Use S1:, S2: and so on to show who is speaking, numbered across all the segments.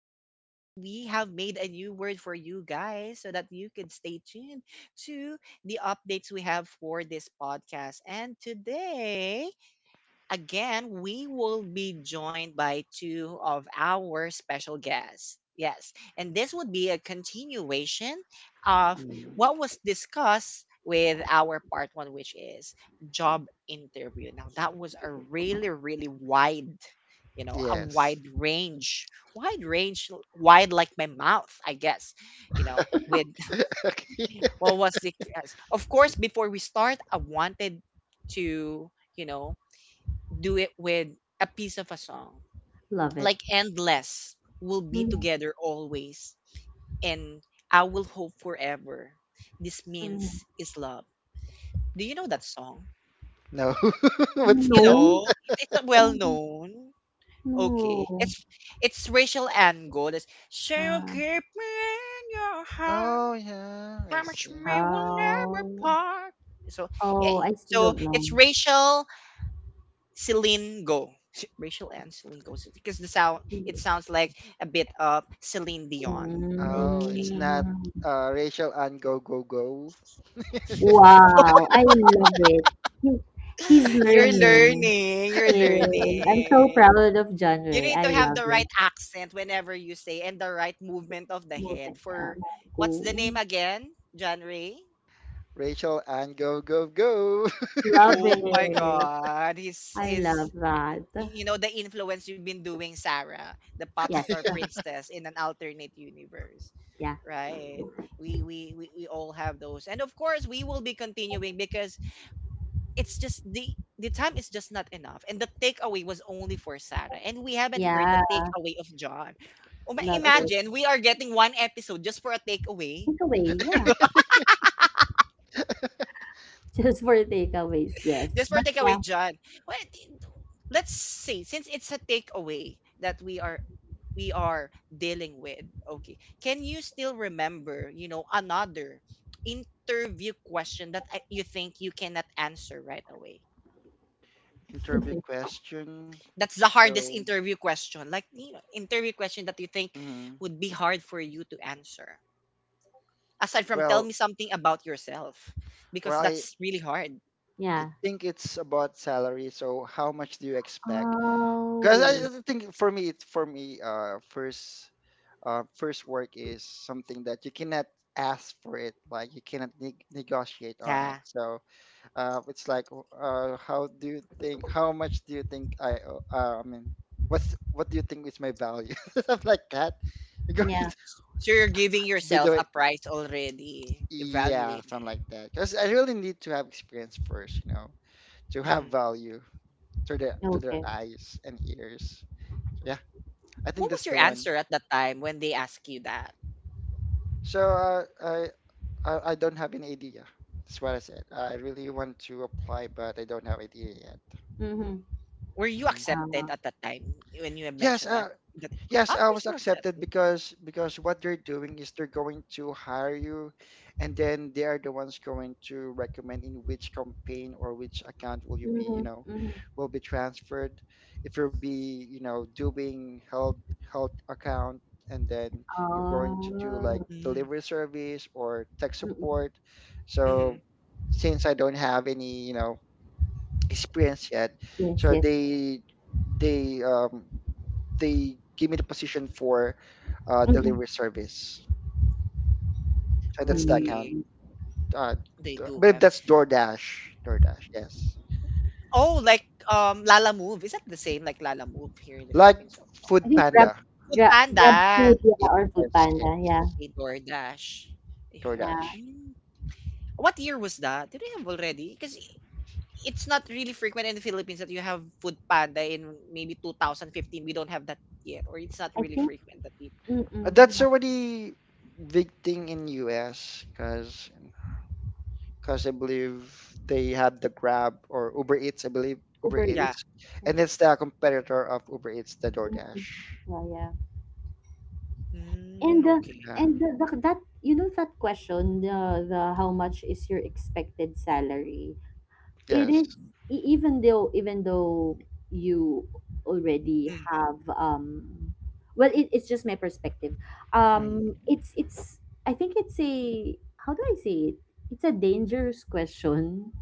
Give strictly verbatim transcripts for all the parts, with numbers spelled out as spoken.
S1: Yes, we have made a new word for you guys so that you can stay tuned to the updates we have for this podcast. And today, again, we will be joined by two of our special guests. Yes, and this would be a continuation of
S2: Mm.
S1: what was discussed with our part one, which is job interview. Now, that was a really, really wide, you know, a
S2: Yes.
S1: wide range, wide range, wide like my mouth, I guess, you know, with what was the yes. Of course, before we start, I wanted to you know do it with a piece of a song.
S3: Love it.
S1: Like, endless will be
S3: Mhm,
S1: together always and I will hope forever. This
S3: mhm.
S1: means is love. Do you know that song?
S2: No. What's
S1: You
S3: No.
S2: that?
S1: know, it- it's not well
S3: No.
S1: known. Okay.
S3: No.
S1: It's it's Rachel Ango. That's, so you
S3: Uh,
S1: keep me in your heart.
S2: Oh, yeah, I
S1: Promise
S2: see.
S1: me we'll never
S3: oh.
S1: part. So, eh,
S3: Oh,
S2: Mm.
S3: I still
S1: so
S3: don't know.
S1: it's Rachel Celine Go. Sh- Rachel and Celine Go. Because the sound, it sounds like a bit of Celine Dion.
S2: Oh, it's
S1: Okay.
S2: not
S3: Mm.
S2: uh, Rachel and Go Go Go.
S3: Wow, I love it. He, he's
S1: You're
S3: learning.
S1: learning. You're
S3: Yes. I'm so
S1: learning.
S3: proud of John
S1: You
S3: Ray.
S1: need to
S3: I
S1: have
S3: love
S1: the
S3: it.
S1: right accent whenever you say and the right movement of the
S3: Mo-
S1: head
S3: uh,
S1: for
S3: Moku.
S1: what's the name again? John Ray?
S2: Rachel and Go Go Go.
S3: Love
S1: Oh my
S3: it.
S1: god. His
S3: I
S1: his
S3: love
S1: y-
S3: that.
S1: you know the influence you've been doing, Sarah, the pop
S3: Yes.
S1: star princess in an alternate universe.
S3: Yeah.
S1: Right, we, we we we all have those, and of course we will be continuing because it's just the the time is just not enough, and the takeaway was only for Sarah and we haven't heard the
S3: Yeah.
S1: takeaway of John. Uma-
S3: Love
S2: I should
S3: it.
S1: imagine we are getting one episode just for a takeaway.
S3: Takeaway. Yeah.
S2: really
S3: Just for takeaways, yes.
S1: Just for
S3: But yeah,
S1: takeaway, John. Well, let's see. Since it's a takeaway that we are we are dealing with, okay, can you still remember, you know, another interview question that I- you think you cannot answer right away?
S2: interview question.
S1: That's the hardest
S2: So,
S1: interview question. Like, you know, interview question that you think
S2: mhm.
S1: would be hard for you to answer. Aside from tell
S2: well,
S1: me something about yourself,
S2: well,
S1: because
S2: I
S1: that's really hard.
S2: I
S3: yeah.
S2: think it's about salary. So, how much do you expect? Because
S3: Oh,
S2: I I think for me, it's for me, uh, first uh, first work is something that you cannot ask for it, like you cannot neg negotiate on it.
S1: Yeah.
S2: So uh, it's like, uh, how do you think how much do you think I owe- uh, I mean, what's what do you think is my value, stuff like that? You're going
S3: yeah.
S2: to,
S1: So you're giving
S2: by the
S1: yourself
S2: way,
S1: a price already,
S2: yeah, something
S1: evaluating.
S2: like that, because I really need to have experience first, you know to have
S1: Hmm.
S2: value, to their to their
S3: Okay.
S2: eyes and ears. So, yeah, I think
S1: What
S2: that's
S1: was your
S2: the one.
S1: answer at that time when they asked you that?
S2: So uh, I, I, I don't have any idea. That's what I said. I really want to apply, but I don't have idea yet.
S3: Mm-hmm.
S1: Were you
S2: Mhm.
S3: uh,
S1: accepted at that time when you have
S2: Yes,
S1: mentioned
S2: uh,
S1: that? That,
S2: Yes,
S1: ah,
S2: I
S1: you're
S2: was
S1: still
S2: accepted,
S1: accepted.
S2: because because what they're doing is they're going to hire you, and then they are the ones going to recommend in which campaign or which account will you be, you
S3: Mm-hmm.
S2: know,
S3: Mm-hmm.
S2: will be transferred. If you'll be, you know, doing health health account, and then you're going to do like
S3: Oh,
S1: Mm.
S2: delivery service or tech
S3: mm-mm.
S2: support. So
S1: Mm-hmm.
S2: since I don't have any, you know, experience yet,
S3: Yes,
S2: so
S3: yes.
S2: they they um they give me the position for uh,
S3: Mm-mm.
S2: delivery service. So that's the account.
S1: Okay,
S3: Hmm.
S2: Uh,
S1: they
S2: d- I
S1: do
S2: believe
S1: have.
S2: that's DoorDash. DoorDash, yes.
S1: Oh, like, um, Lala Move. Is that the same like Lala Move here in the
S2: Like
S1: Philippines? So,
S3: I
S2: Food
S3: think grab
S2: Panda.
S1: Food
S3: grab
S1: Panda.
S3: grab food, yeah, or food
S2: Yes,
S3: panda,
S2: yes.
S3: yeah.
S1: Okay, DoorDash. They have it.
S3: yeah.
S2: DoorDash.
S1: Mm. What year was that? Did they have already? Because it's not really frequent in the Philippines that you have food panda in maybe two thousand fifteen. We don't have that yet, or it's not
S3: I
S1: really
S3: think
S1: frequent that people.
S2: Uh,
S3: mm-mm,
S2: That's
S3: yeah.
S2: already big thing in U S, because because I believe they have the Grab or Uber Eats. I believe Uber
S3: Uber Eats.
S1: Yeah.
S2: Eats,
S3: Yeah.
S2: and it's the competitor of Uber Eats, the DoorDash.
S3: Mm-mm. Yeah, yeah.
S1: Mm,
S3: And the
S1: okay.
S2: Yeah.
S3: and the, the, that you know that question, the the how much is your expected salary? It
S2: Yes.
S3: is, e- even though even though you already
S1: Mm.
S3: have, um well, it, it's just my perspective.
S2: Mhm.
S3: um it's it's, I think it's a, how do I say it, it's a dangerous question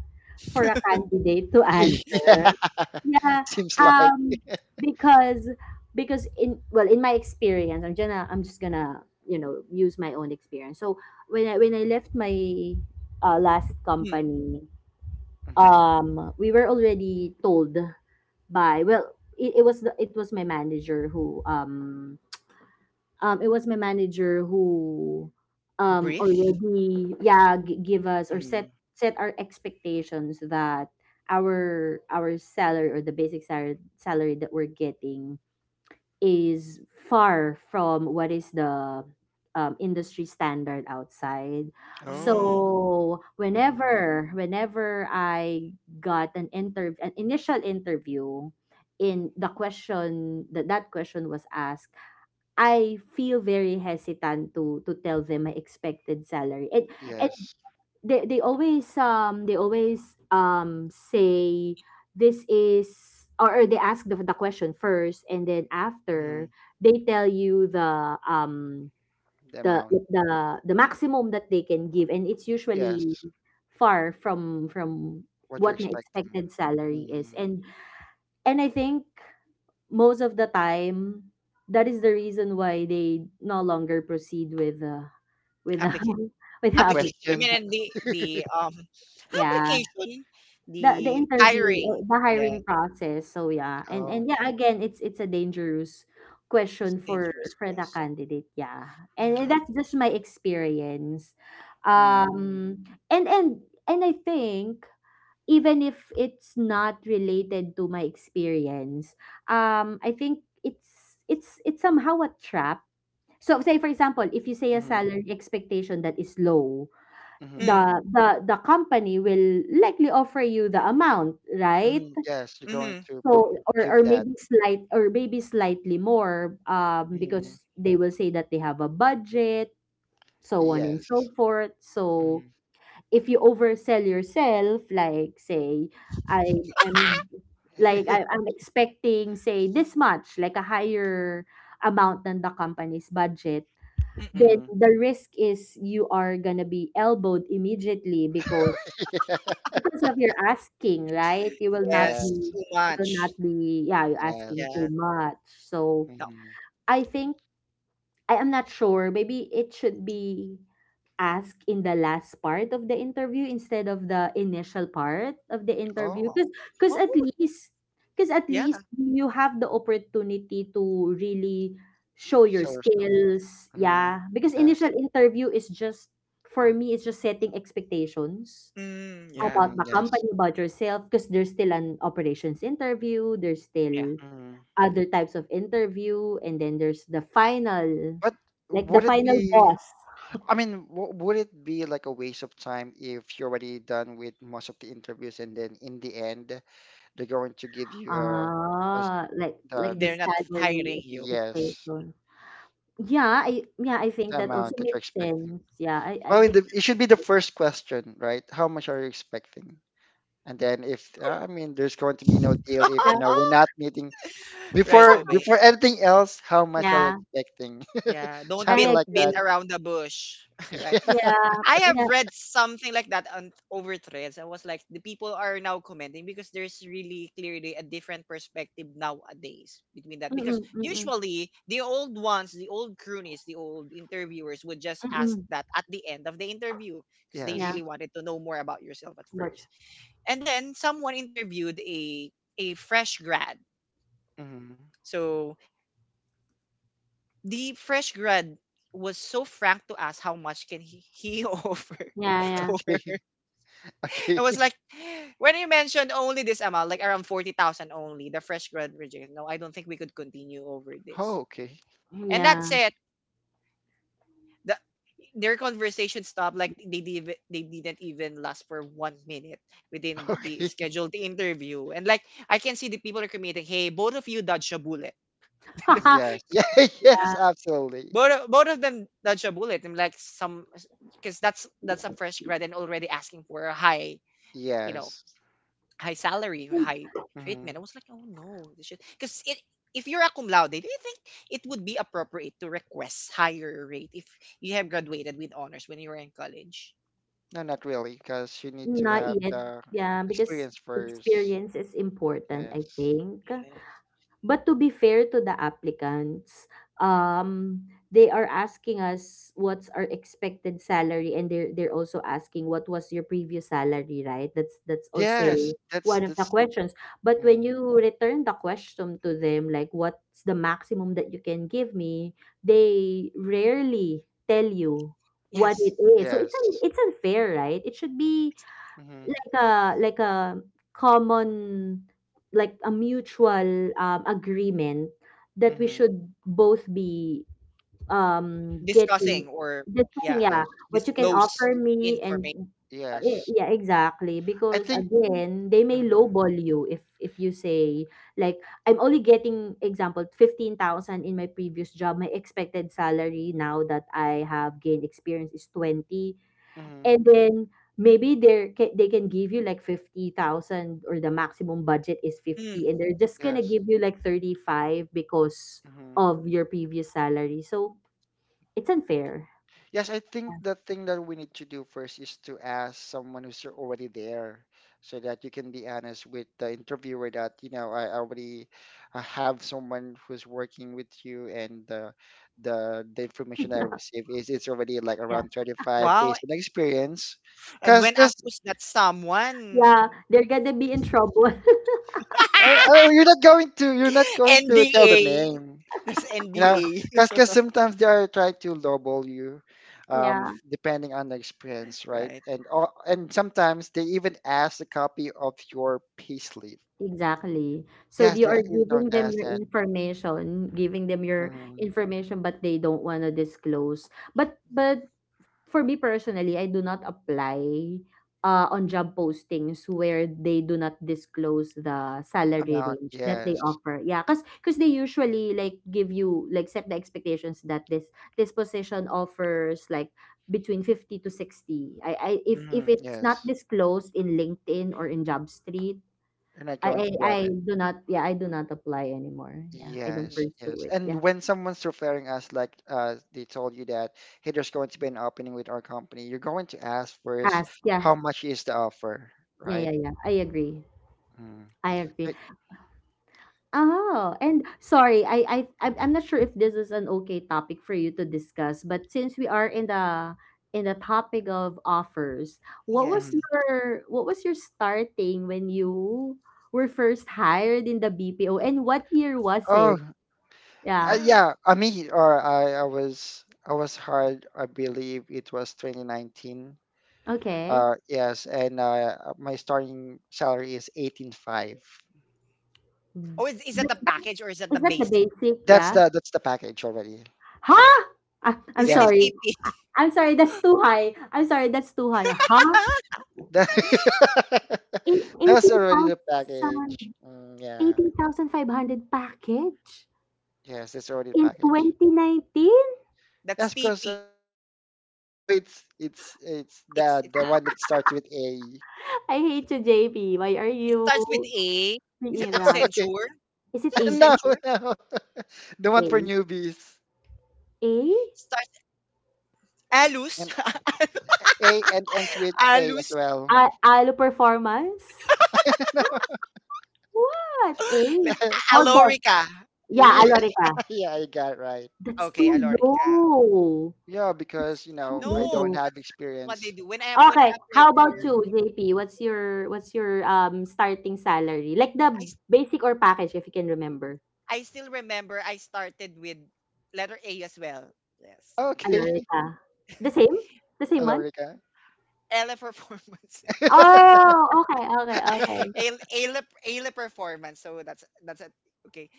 S3: for a candidate to answer.
S2: Yeah.
S3: Yeah.
S2: Seems like.
S3: um because because, in well, in my experience, i'm gonna i'm just gonna you know use my own experience. So when i when i left my uh, last
S1: Mm.
S3: company,
S2: Mm-hmm.
S3: um we were already told by well, it, it was the, it was my manager who um um it was my manager who um
S1: Brief.
S3: already, yeah, g- give us, or
S2: Mm-hmm.
S3: set set our expectations, that our our salary, or the basic salary salary that we're getting, is far from what is the um, industry standard outside.
S2: Oh.
S1: Mm.
S3: So
S2: Mm-hmm.
S3: whenever whenever I got an interview, an initial interview, in the question that that question was asked, I feel very hesitant to to tell them my expected salary. And
S2: Yes.
S3: they they always um they always um say, this is, or, or they ask the, the question first, and then
S2: Mm-hmm.
S3: after, they tell you the um
S2: The
S3: the
S2: amount.
S3: the the maximum that they can give, and it's usually
S2: Yes.
S3: far from from
S2: What you're
S3: what my
S2: expecting.
S3: expected salary is.
S2: Mm-hmm.
S3: And and I think most of the time, that is the reason why they no longer proceed with uh, with the
S1: Application.
S3: with
S2: The
S3: the
S1: Application. I
S3: application.
S2: question.
S1: mean, and the the um
S3: Yeah.
S1: application,
S3: The the
S1: the
S3: interview,
S1: hiring.
S3: uh, the
S1: Yeah,
S3: hiring process. So yeah. And
S2: Oh.
S3: and yeah, again, it's it's a dangerous
S1: it's
S3: question
S1: a
S3: for
S1: dangerous
S3: for the
S1: quest.
S3: candidate. Yeah, and
S1: Yeah.
S3: that's just my experience.
S2: Mm-hmm.
S3: Um, and and and I think, even if it's not related to my experience, um, I think it's it's it's somehow a trap. So, say for example, if you say a
S2: Mm-hmm.
S3: salary expectation that is low,
S2: Mm-hmm.
S1: Mm.
S3: the the the company will likely offer you the amount, right?
S2: Mm-hmm. Yes, you're going
S1: Mm-hmm.
S2: to pro-
S3: So, or or
S2: give that.
S3: maybe slight or maybe slightly more, um
S2: Mm-hmm.
S3: because they will say that they have a budget, so on and
S2: Yes.
S3: so forth. So if you oversell yourself, like, say i i'm like
S2: Mm-hmm.
S3: I, i'm expecting, say, this much, like a higher amount than the company's budget,
S1: Mm-mm.
S3: then
S2: Mm-hmm.
S3: the risk is you are gonna be elbowed immediately, because
S2: Yeah.
S3: because of your asking, right? You will not
S1: Yes.
S2: Yes.
S3: be,
S1: Too
S3: you will not
S1: much.
S3: be yeah, you're asking
S2: Yes.
S3: too
S1: Yeah.
S3: much. So
S1: No.
S2: Mm-hmm.
S3: I think, I am not sure, maybe it should be asked in the last part of the interview instead of the initial part of the interview.
S2: Oh.
S1: Well,
S3: Because because
S1: what
S3: at least because at
S1: yeah.
S3: least you have the opportunity to really show your
S2: Sell yourself.
S3: skills.
S2: Mm-hmm.
S3: Yeah. Because
S2: Yes.
S3: initial interview is just for me, it's just setting expectations
S1: Mm, yeah.
S3: about
S2: Mm,
S3: the
S2: yes.
S3: company, about yourself, because there's still an operations interview, there's
S1: Yeah.
S3: still
S2: Mm.
S3: other types of interview, and then there's the final,
S2: But
S3: like the
S2: would it
S3: final
S2: be?
S3: boss.
S2: I mean, w would it be like a waste of time if you're already done with most of the interviews, and then in the end they're going to give you, uh, as
S3: Ah, like
S2: the,
S3: like the
S1: They're not hiring
S3: salary
S1: you.
S2: yes,
S3: expectation. Yeah, I, yeah, I think
S2: the
S3: that also
S2: amount that you're
S3: makes
S2: expecting?
S3: sense. Yeah, I I
S2: Well, it,
S3: think,
S2: it should be the first question, right? How much are you expecting? And then if, uh, I mean, there's going to be no deal if,
S3: yeah,
S2: you know we're not meeting
S1: Right
S2: before
S1: away.
S2: before anything else. How much are you
S3: yeah,
S2: expecting?
S1: Yeah, don't
S2: Something
S1: beat
S3: I
S2: like
S1: beat
S2: that.
S3: agree.
S1: around the bush. Right.
S3: Yeah,
S1: I have
S3: yeah,
S1: read something like that on over threads. I was like, the people are now commenting because there's really clearly a different perspective nowadays between that. Because
S3: mm-mm, mm-mm,
S1: usually the old ones, the old croonies, the old interviewers would just ask
S3: mm-mm.
S1: that at the end of the interview
S2: Yeah.
S1: because they
S3: Yeah,
S2: Yes.
S1: really wanted to know more about yourself at
S3: much.
S1: first. And then someone interviewed a a fresh grad.
S2: Hmm.
S1: So the fresh grad was so frank to ask how much can he, he offer
S3: Yeah,
S1: to her.
S2: Okay. Okay.
S1: It was like, when you mentioned only this amount, like around forty thousand only, the fresh grad rejected. No, I don't think we could continue over
S2: Oh,
S1: this.
S2: okay.
S3: yeah,
S1: And
S3: yeah.
S1: that's it. The, their conversation stopped. Like they div- they didn't even last for one minute within the, the
S2: Okay.
S1: scheduled interview. And like, I can see the people are committing. Hey, both of you dodged a bullet.
S2: Yes. Yeah, yes, absolutely.
S1: Both, both of them dodge a bullet. I'm like some because that's that's a fresh grad and already asking for a high, you know,
S2: Yes.
S1: high salary, high
S2: Hmm.
S1: treatment. I was like, oh no, this shit. Because it, if you're a cum laude, do you think it would be appropriate to request higher rate if you have graduated with honors when you were in college?
S2: No, not really, because you need to
S3: Not
S2: have
S3: yet.
S2: the
S3: Yeah, because
S2: experience first.
S3: experience is important, I
S2: Yes.
S3: think.
S1: Uh,
S3: But to be fair to the applicants, um, they are asking us what's our expected salary, and they're they're also asking what was your previous salary, right? That's that's
S1: Yes,
S2: Yes,
S3: also
S2: that's
S3: one of the
S2: that's mm,
S3: questions. But when
S2: mm-hmm.
S3: you return the question to them, like, what's the maximum that you can give me, they rarely tell you what
S1: yes,
S3: it is. So it's un-
S2: Yes.
S3: it's unfair, right? It should be
S2: Mm-hmm.
S3: a, like a common, like a mutual, um, agreement that we
S2: Mm-hmm.
S3: should both be, um getting,
S1: discussing or
S3: discussing,
S1: yeah,
S3: yeah,
S2: Yes.
S3: what you can
S1: disclose
S3: offer me. And
S1: information.
S3: uh, y-
S2: Yes.
S3: yeah, exactly,
S2: I
S3: because
S2: think,
S3: again they may
S2: mm-hmm.
S3: lowball you if if you say, like, I'm only getting, example, fifteen thousand in my previous job, my expected salary now that I have gained experience is twenty.
S2: Mm-hmm.
S3: And then, maybe they're ca- they can give you like fifty thousand, or the maximum budget is
S1: Mm,
S3: fifty, and they're just going to
S2: Yes.
S3: give you like thirty-five because
S2: Mm-hmm.
S3: of your previous salary. So it's unfair.
S2: Yes, I think the thing that we need to do first is to ask someone who's already there, so that you can be honest with the interviewer that, you know, I already, uh, have someone who's working with you, and the the the information I received is it's already like
S3: Yeah.
S2: around thirty-five
S1: wow.
S2: based on experience.
S1: And
S2: Cause,
S1: when
S2: cause
S1: asked who's that
S3: Yeah,
S1: someone,
S3: they're going to be in trouble.
S2: uh, uh, you're not going to, you're not going to tell the
S1: N D A.
S2: name.
S1: That's
S2: you know because
S1: N D A.
S2: because sometimes they are trying to lowball you, um
S3: Yeah.
S2: depending on the experience, right,
S1: Right.
S2: and, or, and sometimes they even ask a copy of your payslip.
S3: Exactly. So
S2: Yes,
S3: you
S2: they're
S3: are
S2: actually going
S3: giving
S2: to
S3: them
S2: ask
S3: your
S2: that.
S3: information, giving them your
S2: Mhm.
S3: information, but they don't want to disclose. But but for me, personally, I do not apply uh, on job postings where they do not disclose the salary
S2: Amount,
S3: range that they
S2: yes.
S3: offer. Yeah, cause cause they usually, like, give you like, set the expectations that this this position offers like between fifty to sixty. I, I if if
S2: Hmm,
S3: it's not
S2: yes.
S3: disclosed in LinkedIn or in JobStreet,
S2: You're not
S3: I,
S2: going to
S3: I
S2: grab
S3: I
S2: it.
S3: do not, yeah, I do not apply anymore. Yeah, I don't
S2: Yes,
S1: Mhm.
S2: yes.
S3: pursue it.
S2: And
S1: Yeah.
S3: Yeah,
S2: when someone's referring us, like, uh they told you that, hey, there's going to be an opening with our company, you're going to ask first,
S3: ask. Yeah,
S2: how much is the offer,
S3: yeah,
S2: right?
S3: yeah, yeah. I agree.
S2: Mm.
S3: I agree.
S2: Like,
S3: Oh, and sorry, I I I'm I'm not sure if this is an okay topic for you to discuss, but since we are in the, in the topic of offers, what
S1: Yes.
S3: was
S2: mhm.
S3: your, what was your starting when you were first hired in the B P O, and what year was
S2: Oh,
S3: it?
S2: Uh,
S3: Yeah.
S2: yeah, I mean, or I, I was, I was hard. I believe it was twenty nineteen.
S3: Okay.
S2: Uh, yes, and uh, my starting salary is eighteen point five.
S3: Mm.
S1: Oh, is, is
S3: Th-
S1: that the
S3: Is
S1: package or is that
S3: that,
S1: the
S3: is that the
S1: basic?
S3: basic?
S2: That's
S3: Yeah.
S2: the that's the package already.
S3: Huh? Ah, I'm
S1: Is it in
S2: Yes,
S3: sorry.
S1: T P?
S3: I'm sorry. That's too high. I'm sorry. That's too high. Huh?
S2: that
S3: Eighteen
S2: that's already the package.
S3: thousand.
S2: Mm, yeah,
S3: eighteen thousand five hundred pesos package
S2: yes, that's already the
S3: in
S2: package.
S3: twenty nineteen?
S1: That's
S2: That's because I
S1: T P.
S2: don't have. No, no, it's it's it's
S1: It's
S2: the
S1: it's
S2: the
S1: not.
S2: one that starts with A.
S3: I hate you, J P. Why are
S1: It starts with
S3: you
S1: A. Is it
S3: being that?
S2: Okay,
S1: Accenture?
S3: Is it
S1: Is it
S3: A
S2: no,
S3: G
S1: Accenture?
S2: no, the
S3: A
S2: one
S3: A
S2: for newbies.
S3: A A?
S1: Starts Alus.
S2: A, and ends with A as
S1: Alus.
S2: well.
S3: Alo Performance? Wha- What? A?
S1: Like, A-
S3: Hold on.
S1: Alorica.
S3: Yeah,
S2: Yeah,
S3: Alorica.
S2: yeah, I got it right.
S3: That's
S1: Okay,
S3: too
S1: Alorica.
S3: low.
S2: Yeah,
S3: That's
S2: because, you
S3: too
S2: know I
S1: No,
S2: don't
S3: low.
S2: have
S1: that's not what they
S2: experience.
S1: do. When I ap- when I
S3: Okay, how
S1: applied for
S3: about you,
S2: Mm.
S1: them,
S3: J P? What's your what's your um starting salary? Like
S1: I
S3: the basic, or package, if you can remember.
S1: I still remember I started with letter A as well. Yes.
S2: Okay,
S3: Alorica. The same? The same
S2: hello,
S3: one?
S2: Rika.
S1: Ale performance.
S3: Oh, okay, okay, okay.
S1: Ale, Ale, Ale performance. So that's that's a, okay.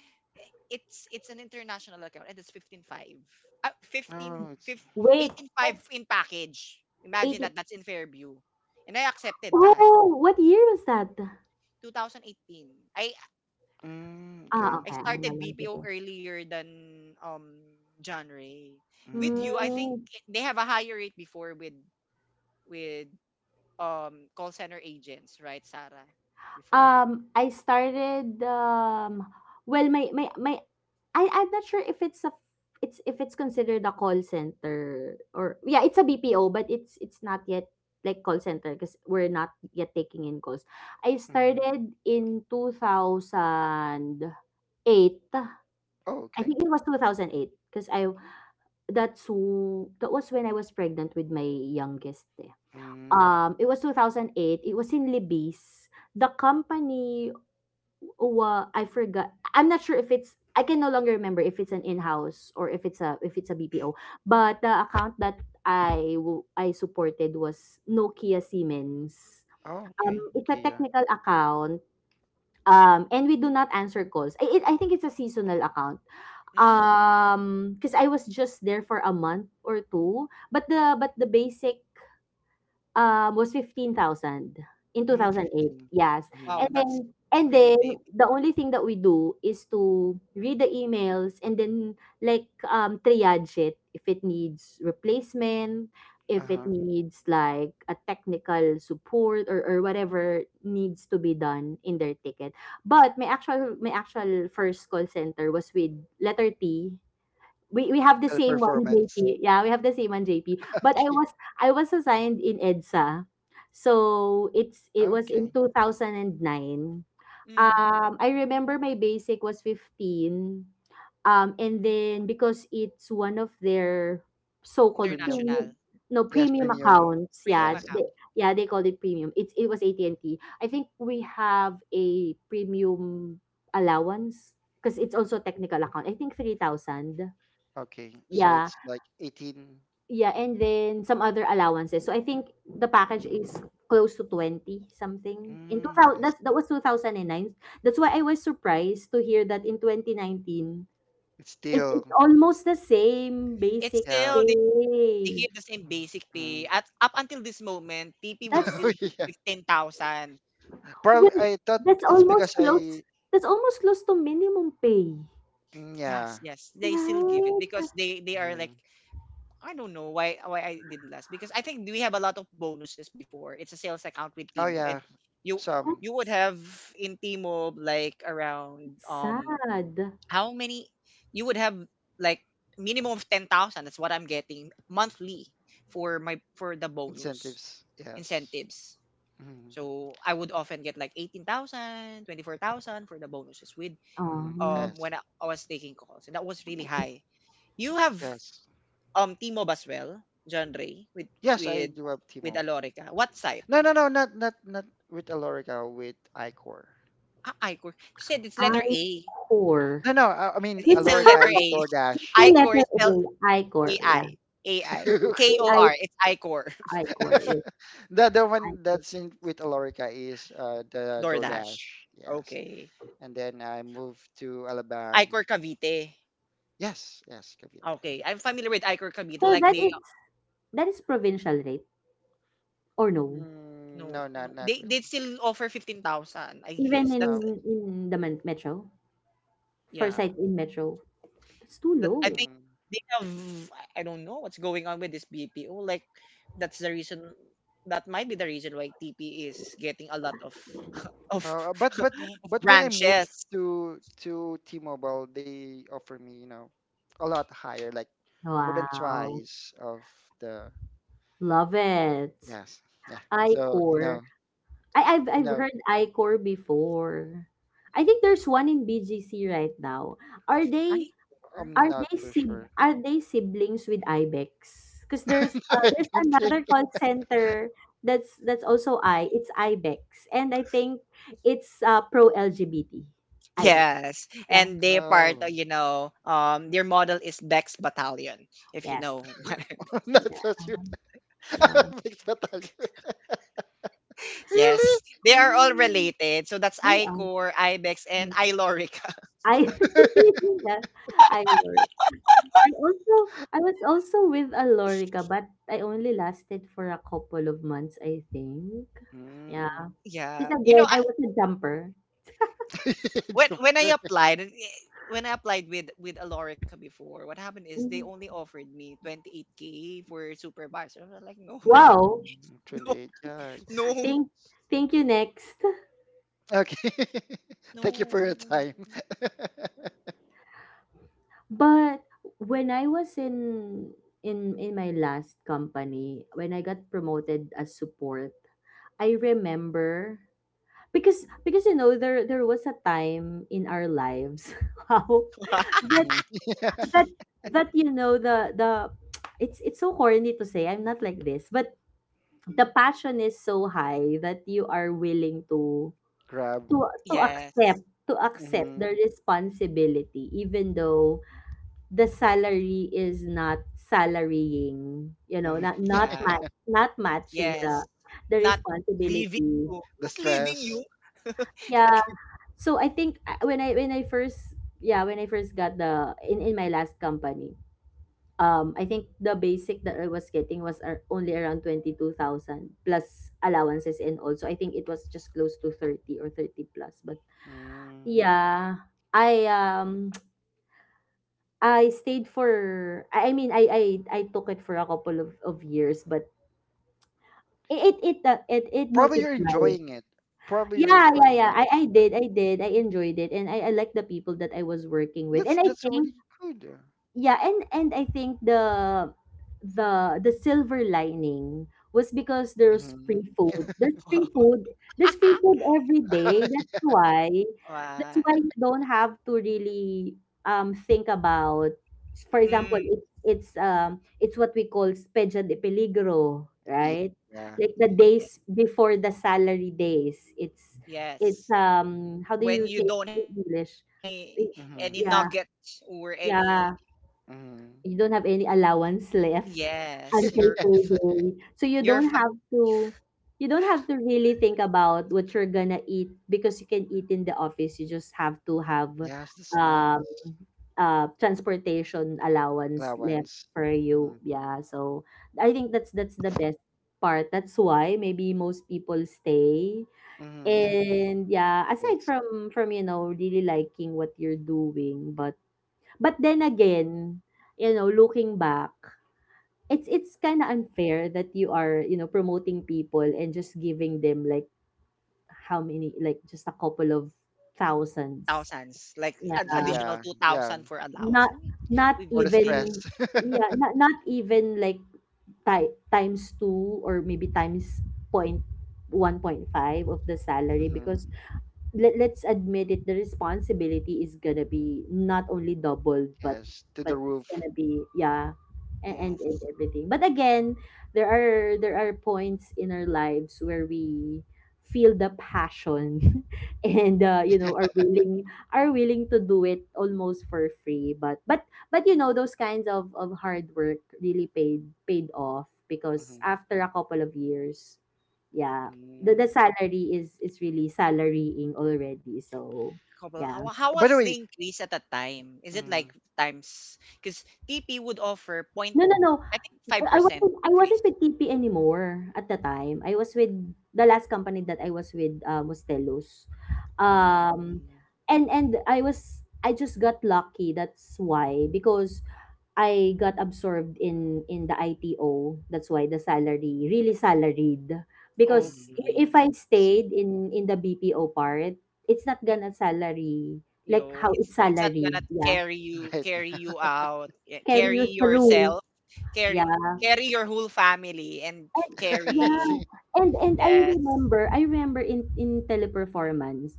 S1: It's it's an international account and it's fifteen point five. Uh, 15,
S2: Oh, it's
S1: 15
S3: Wait,
S1: eighteen point five
S3: that's
S1: in package. Imagine
S3: eighty.
S1: that that's in Fairview. And I accepted that.
S3: Oh, what year was that?
S1: twenty eighteen. I
S2: mm,
S3: Ah,
S2: okay.
S1: I
S3: okay, I'm no
S1: started
S3: longer
S1: B P O
S3: there.
S1: earlier than um John Ray. With
S2: Mm,
S1: you, I think
S3: Mm,
S1: they have a higher rate before with with um call center agents, right, Sarah? Before.
S3: um, I started, um well, my my my I I'm not sure if it's a it's if it's considered a call center, or, yeah, it's a B P O, but it's it's not yet like call center because we're not yet taking in calls. I
S2: mm.
S3: started in two thousand eight.
S2: Oh,
S3: I
S2: okay.
S3: think it was two thousand eight, because I That's w that was when I was pregnant with my youngest, eh.
S2: Mm.
S3: Um, it was two thousand eight. It was in Libis. The company wa I forgot. I'm not sure if it's I can no longer remember if it's an in-house, or if it's a if it's a B P O.
S1: Mm.
S3: But the account that I w I supported was Nokia Siemens.
S2: Oh,
S3: Um,
S2: okay.
S3: it's a
S2: Okay, yeah.
S3: technical account, um, and we do not answer calls. I, it, I think it's a seasonal account,
S1: Mm.
S3: Um, because I was just there for a month or two. But the, but the basic, Um, was fifteen thousand in two
S2: Mm,
S3: thousand eight
S2: fifteen.
S3: yes.
S2: Mm.
S1: Wow,
S3: And
S1: that's
S3: then, and
S1: really
S3: then
S1: big.
S3: the only thing that we do is to read the emails, and then, like, um, triage it if it needs replacement, if it
S2: Uh-huh.
S3: needs, like, a technical support, or or whatever needs to be done in their ticket. But my actual, my actual first call center was with letter T. We we have the same one,
S2: Teleperformance.
S3: J P. Yeah, we have the same one, J P. But I
S2: Okay.
S3: was I was assigned in EDSA. So it's it was
S2: Okay.
S3: in two thousand nine.
S1: Mm.
S3: Um I remember my basic was fifteen. Um and then, because it's one of their so-called
S2: Premium.
S1: International
S3: premium, no,
S2: Yes,
S3: premium
S2: premium.
S3: accounts.
S1: premium
S3: Yeah,
S2: Yes.
S3: they,
S1: account.
S3: yeah, they called it premium. It's it was at and T. I think we have a premium allowance because it's also a technical account. I think three thousand.
S2: Okay. So
S3: Yeah,
S2: it's like eighteen.
S3: yeah, and then some other allowances. So I think the package
S2: Mm.
S3: is close to twenty something. In
S2: Mm.
S3: two thousand,
S2: I
S3: that's, that
S2: see.
S3: was twenty oh nine. That's why I was surprised to hear that in twenty nineteen,
S2: It's
S3: it,
S2: still
S3: it's almost the same
S1: It's
S3: basic
S2: Yeah.
S1: still they, they
S3: pay.
S1: give the same basic pay.
S2: Mm.
S1: At up until this moment, T P would
S3: That's,
S1: still give
S2: Yeah.
S1: fifteen thousand.
S2: Probably
S3: well,
S2: I thought
S3: that's
S2: it's
S3: almost
S2: because
S3: close.
S2: I,
S3: That's almost close to minimum pay.
S2: mm,
S1: Yes,
S2: yeah.
S1: yes, they still give it
S3: Right?
S1: because they they are like
S2: Mm.
S1: I don't know why why I did less because I think we have a lot of bonuses before. It's a sales account with
S2: Oh
S1: Tmall, and
S2: yeah.
S1: you
S2: Some
S1: you would
S3: That's
S1: have in Tmall like around, um,
S3: sad.
S1: how many you would have like minimum of ten thousand. That's what I'm getting monthly for my for the bonus
S2: incentives. Yes.
S1: incentives.
S2: Mm.
S1: So I would often get like eighteen thousand, twenty four thousand for the bonuses with,
S2: Mm.
S3: Um,
S1: um,
S2: Yes.
S1: when I, I was taking calls, and that was really high. You have,
S2: Yes.
S1: um, T-Mob as well, John Ray, with
S2: Yes, I
S1: with
S2: do have
S1: with
S2: Timo.
S1: Alorica. What site?
S2: No, no, no, not, not not with Alorica, with iCore.
S1: Ah, iCore. You said it's
S3: I
S1: letter A.
S3: core.
S2: No, no, I, I mean
S1: And it's
S3: It's,
S1: still
S2: Alorica
S1: letter
S2: is
S1: A.
S3: it's
S2: DoorDash.
S3: the
S1: iCore is
S3: letter
S1: spelled
S3: A, I core.
S1: A I. A I.
S3: The
S1: K O R. It's iCore.
S3: A I core, yes,
S2: The the one
S3: iCore.
S2: that's in with Alorica is, uh the DoorDash.
S1: DoorDash.
S2: Yes.
S1: Okay.
S2: And then I moved to Alabang.
S1: Icor Cavite.
S2: Yes, yes, Cavite.
S1: Okay, I'm familiar with Icor Cavite.
S3: So
S1: Like
S3: that
S1: they,
S3: is,
S1: uh,
S3: that is provincial rate, or no?
S1: no,
S2: Mm, no, not
S1: no,
S2: not
S1: they they
S2: really.
S1: still offer fifteen thousand. I
S3: Even
S1: guess that's
S2: No.
S3: in in the men- metro, for
S1: yeah.
S3: site in metro, that's too
S1: That- I
S3: low.
S1: think
S2: Mm.
S1: they have, I I don't know what's going on with this B P O. Like that's the reason, that might be the reason why T P is getting a lot of of
S2: Uh, but but but when I moved
S1: branches.
S2: to to T-Mobile, they offer me, you know, a lot higher, like more than
S3: Wow,
S2: twice of the,
S3: love it.
S2: yes, yeah.
S3: I
S2: So, you
S3: core.
S2: know,
S3: I I've
S2: you
S3: I've
S2: know,
S3: heard I core before. I think there's one in B G C right now. Are
S1: Hi.
S3: they,
S2: I'm
S3: Are
S2: not
S3: they
S2: so
S3: sib
S2: sure.
S3: are they siblings with IBEX? Because there's uh,
S2: I
S3: there's
S2: don't think.
S3: another call center that's that's also I. It's IBEX, and I think it's uh, pro L G B T. IBEX.
S1: Yes,
S3: Yeah.
S1: and they part, uh,
S2: Oh,
S1: you know, um, their model is Bex Battalion, if you
S3: Yes.
S1: know.
S2: I'm not so
S3: Yeah.
S2: sure. I
S3: Uh,
S2: have expectation. Really?
S1: Yes, they are all
S3: um,
S1: related. So that's
S3: they are.
S1: iCore, iBex, and iLorica.
S3: I yeah, I Lorica. I also I was also with a Lorica, but I only lasted for a couple of months, I think. Yeah,
S2: Mm.
S3: because
S1: Yeah, you know,
S3: again,
S1: I,
S3: I was a jumper.
S1: when when I
S2: Jumper.
S1: applied, eh, when I applied with with Alorica before, what happened is they
S3: Mhm.
S1: only offered me twenty-eight k for supervisor. I was like, no,
S3: Wow.
S2: Mm, twenty-eight. Yeah, it's it's
S1: no,
S3: Thank thank you next.
S2: Okay. Thank you
S1: no,
S2: for
S1: no,
S2: your
S1: no, no.
S2: time.
S3: But when I was in in in my last company, when I got promoted as support, I remember, because because you know, there there was a time in our lives how, that
S2: Mhm. Yeah.
S3: that that you know, the the it's it's so corny to say I'm not like this, but the passion is so high that you are willing to
S2: Grab.
S3: to to
S1: Yes,
S3: accept to accept
S2: Hmm.
S3: the responsibility, even though the salary is not salarying, you know,
S2: Hmm.
S3: not not
S1: yeah,
S3: ma- not matching
S1: yes.
S3: the the
S1: Not leaving
S3: responsibility.
S1: you,
S2: The
S1: not leaving
S2: stress.
S1: you. Not
S3: Yeah.
S1: leaving,
S3: So I think I- when I when I first yeah, when I first got the in in my last company. um I think the basic that I was getting was ar- only around twenty-two thousand, plus allowances, and also I think it was just close to thirty or thirty plus. But
S2: Mm.
S3: yeah, I um I stayed for, I I mean, I I I took it for a couple of of years, but it it it, uh, it it
S2: Probably you're
S3: multiplied.
S2: enjoying it. Probably you're
S3: Yeah, yeah,
S2: enjoying
S3: yeah.
S2: it.
S3: I I
S2: Yeah.
S3: did, I did. I enjoyed it, and I I liked the people that I was working with,
S2: That's
S3: and I
S2: that's already
S3: think,
S2: good.
S3: yeah, and and i think the the the silver lining was because there's
S2: Hmm.
S3: free food, there's free
S1: wow.
S3: food, there's free food every day. that's why that's
S1: Wow.
S3: why you don't have to really um think about, for example,
S1: Mm,
S3: it, it's um it's what we call spedja de peligro,
S2: Yeah.
S3: right?
S2: Yeah.
S3: Like, the
S1: yes,
S3: days before the salary days, it's it's
S1: yes.
S3: um how do
S1: When
S3: you
S1: you
S3: say it
S1: don't
S3: in
S1: have
S3: English?
S1: any
S3: It-
S1: any
S2: Hmm.
S3: yeah,
S1: nuggets or any,
S3: yeah,
S2: Hmm.
S3: you don't have any allowance left
S1: yes,
S3: until
S1: your
S2: Yes.
S3: payday. So you
S1: your
S3: don't
S1: fa-
S3: have to you don't have to really think about what you're gonna eat, because you can eat in the office. You just have to have
S2: Yes, that's
S3: um
S2: nice.
S3: uh transportation allowance left
S2: Allowance.
S3: for you.
S2: Hmm.
S3: Yeah. So I think that's that's the best part. That's why maybe most people stay.
S2: Hmm. Yeah,
S3: And yeah,
S2: I
S3: aside
S2: guess.
S3: from from you know really liking what you're doing, but but then again, you know, looking back, it's it's kind of unfair that you are, you know, promoting people and just giving them like how many, like, just a couple of thousands.
S1: thousands, like
S3: Yeah.
S1: an additional
S2: Yeah, yeah.
S1: two thousand for allowance.
S3: Not
S1: And
S3: not
S1: we- we've
S2: For the
S1: been there,
S3: even
S2: stress.
S3: yeah, not not even like, ti- times two, or maybe times point one point five of the salary,
S2: Hmm.
S3: because, let, let's admit it, the responsibility is gonna be not only doubled, but
S2: Yes, to the
S3: but it's
S2: roof.
S3: gonna be, yeah, and, and and
S1: yes.
S3: everything. But again, there are there are points in our lives where we feel the passion and, uh, you know are willing are willing to do it almost for free, but but but you know those kinds of of hard work really paid paid off, because
S2: Hmm.
S3: after a couple of years, yeah, the the
S2: Mm,
S3: salary is is really salarying already. So
S1: Couple,
S2: mm.
S1: how,
S3: yeah.
S1: how
S2: By the
S1: was the
S2: way,
S1: increase at that time? Is it like
S2: mm,
S1: times because tp would offer point,
S3: No, no, no.
S1: I think
S3: I
S1: five percent
S3: wasn't I
S1: increase,
S3: wasn't with T P anymore at the time. I was with the last company that I was with, uh, was Um
S2: mm,
S3: and and I was I just got lucky. That's why, because I got absorbed in in the I T O. That's why the salary really salaried, because,
S2: mm,
S3: i-
S1: okay?
S3: if I
S2: sing
S3: stayed in in the B P O part, it's not gonna salary like
S1: You
S3: how it's
S1: it's it's not gonna
S3: salaried. Yeah,
S1: carry you,
S2: right
S1: carry
S2: now.
S1: you out, yeah,
S3: carry
S1: carry
S3: you through.
S1: yourself, carry,
S3: Yeah,
S2: Mm.
S1: carry your whole family and
S3: and yeah,
S2: Sing.
S1: carry,
S3: and and I
S1: yes.
S3: remember I remember in in Teleperformance.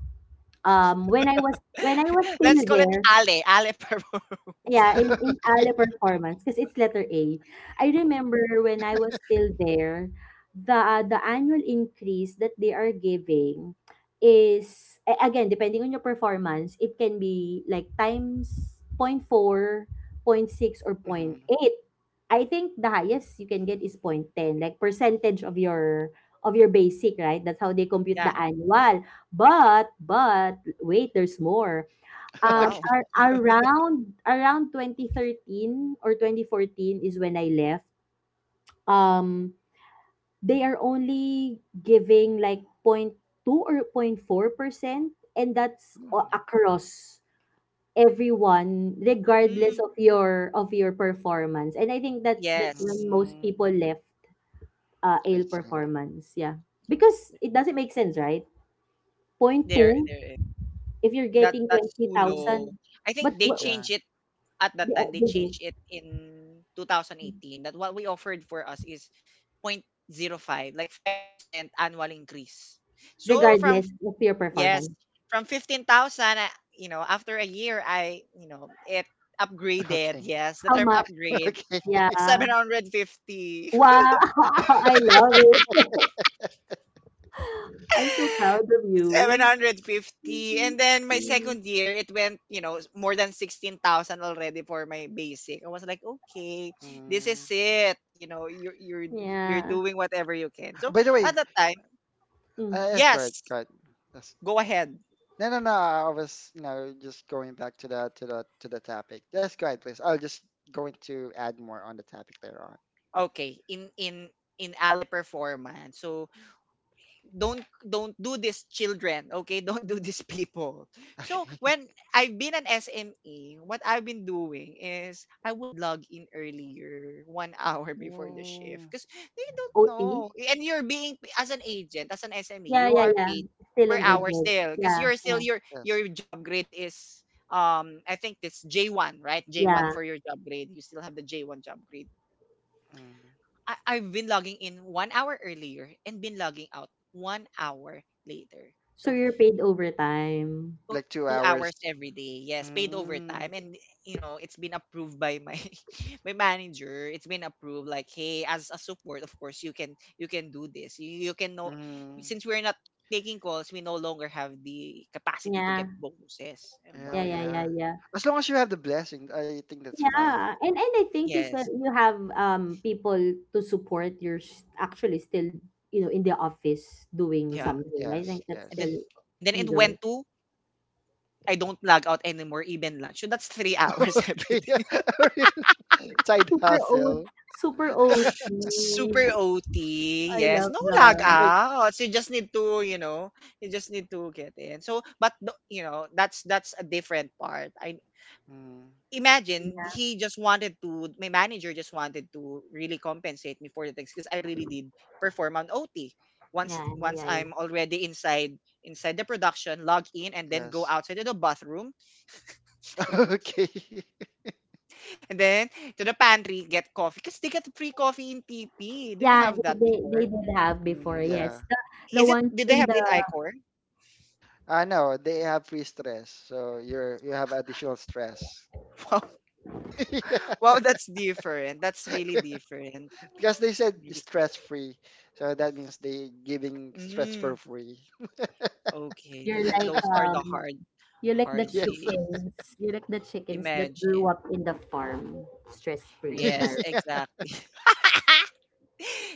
S3: Um, when I was when I was still
S1: Let's call it
S3: there.
S1: ale ale purpose.
S3: Yeah, in in ALE performance, 'cause it's letter A. I remember when I was still there, the uh, the annual increase that they are giving is, a- again, depending on your performance, it can be like times point four point six, or
S2: Mm,
S3: point eight. I think the highest you can get is point ten, like, percentage of your of your basic, right? That's how they compute
S1: Yeah.
S2: mm.
S3: the annual. But but wait, there's more. Um,
S2: Okay.
S1: Wow.
S3: ar around around twenty thirteen or twenty fourteen is when I left. Um, they are only giving like point two or point four percent, and that's
S2: Mm,
S3: a- across everyone, regardless
S1: Mm,
S3: of your of your performance. And I think that's that's
S1: yes.
S3: when most
S2: mm,
S3: people left, uh,
S2: I
S3: Ale
S2: see.
S3: performance. Yeah, because it doesn't make sense, right? Point
S1: there
S3: two.
S1: there
S3: If you're
S1: That
S3: getting
S1: that's too low.
S3: twenty thousand,
S1: I
S3: but,
S1: think they
S3: wha-
S2: Yeah.
S1: changed it at
S3: they,
S1: that time. They
S3: they do,
S1: changed it in twenty eighteen. That what we offered for us is zero point zero 0.05, like five percent annual increase. So from,
S3: regardless of your
S1: yes,
S3: performance.
S1: from fifteen thousand, I- you know, after a year I, you know, it upgraded.
S2: Okay.
S1: Yes, the
S3: How
S1: term
S3: much?
S1: upgrade
S2: Okay.
S3: Yeah.
S1: seven hundred fifty.
S3: Wow! I love it. I'm so proud of
S1: Seven
S3: you.
S1: hundred fifty,
S3: Mhm.
S1: and then my second year it went you know more than sixteen thousand already for my basic. I was like, okay, this is
S2: Mm.
S1: it, you know, you're you're you're
S3: Yeah.
S1: doing whatever you can so
S2: By the
S1: at
S2: way,
S1: that time,
S3: Mm.
S2: uh, yes, go ahead.
S1: yes,
S2: Go ahead. Yes.
S1: go ahead.
S2: No, no, no. I was, you know, just going back to the, to the to the topic. Yes, go ahead, please. I'll just going to add more on the topic later on.
S1: Okay, in in in Ale performance, so don't don't do this children, okay? Don't do this people. So
S2: Okay.
S1: when I've been an S M E, what I've been doing is I would log in earlier one hour before the shift
S2: Mm,
S1: because they don't
S3: O T?
S1: know, and you're being as an agent, as an S M E,
S3: Yeah,
S1: you
S3: yeah,
S1: are
S3: yeah.
S1: paid
S3: Still
S1: per
S3: an
S2: yes.
S1: hour
S3: agent.
S1: still because
S3: Yeah,
S1: you're still
S3: yeah,
S1: your
S2: Yes.
S1: your job grade is, um, I think it's J one, right? J one
S3: yeah.
S1: for your job grade, you still have the J one job grade.
S2: Mm.
S1: I, I've been logging in one hour earlier and been logging out one hour later.
S3: So
S1: So
S3: you're paid overtime.
S1: two,
S2: Like two
S1: two
S2: hours.
S1: hours every day. Yes, paid
S2: Mm,
S1: overtime, and you know it's been approved by my my manager. It's been approved. Like, hey, as a support, of course you can you can do this. You, you can know
S2: mm,
S1: since we're not taking calls, we no longer have the capacity to get
S3: Yeah,
S1: bonuses and
S2: oh
S3: yeah, yeah,
S1: whatnot.
S3: yeah,
S2: yeah.
S3: yeah.
S2: As long as you have the blessing, I think that's fine.
S3: Yeah, and and I think you said
S1: Yes,
S3: you have um people to support. You're s- actually still, you know in the office doing
S1: yeah,
S2: Hmm.
S3: something. I think
S2: Yes,
S3: that's
S1: and then
S3: still
S2: yes.
S1: and then it went
S3: legal.
S1: to I don't log out anymore even lunch. So that's three hours every
S2: Okay, yeah. Really. Side
S3: Super oat,
S2: hustle.
S3: super O T.
S1: Super O T,
S3: I
S1: yes.
S3: love
S1: No lag
S3: that.
S2: So, y-
S1: outs. You just need to, you know, you just need to get in. So, but th- you know, that's that's a different part. I
S2: mm,
S1: imagine
S3: Yeah,
S1: he just wanted to. My manager just wanted to really compensate me for the things because I really did perform on O T. Once
S3: yeah,
S1: once
S3: yeah, yeah.
S1: I'm already inside inside the production, log in and then go
S2: yes.
S1: outside to the bathroom
S2: Okay.
S1: and then to the pantry get coffee because they get free coffee in T P. Do you
S3: Yeah,
S1: have
S3: they,
S1: that
S3: they, they
S1: before?
S3: did have before,
S2: Mm,
S3: yes.
S2: yeah.
S3: The, the
S1: Is it?
S3: ones
S1: Did they
S3: in
S1: have
S3: the,
S1: in Icor?
S2: I know they have free stress, so you're you have additional stress.
S1: Wow,
S2: Yeah.
S1: wow, that's different. That's really different.
S2: Because they said
S1: Because-
S2: stress free, so that means they giving stress for
S1: Mm,
S2: free.
S1: okay,
S3: you're
S1: this is,
S3: like,
S1: those are the
S3: um
S1: hard,
S3: you like the
S1: hard
S2: Yes.
S1: days.
S3: chickens. You like the chickens that grew
S1: Imagine.
S3: up in the farm, stress free
S1: Yes,
S3: environment.
S1: exactly.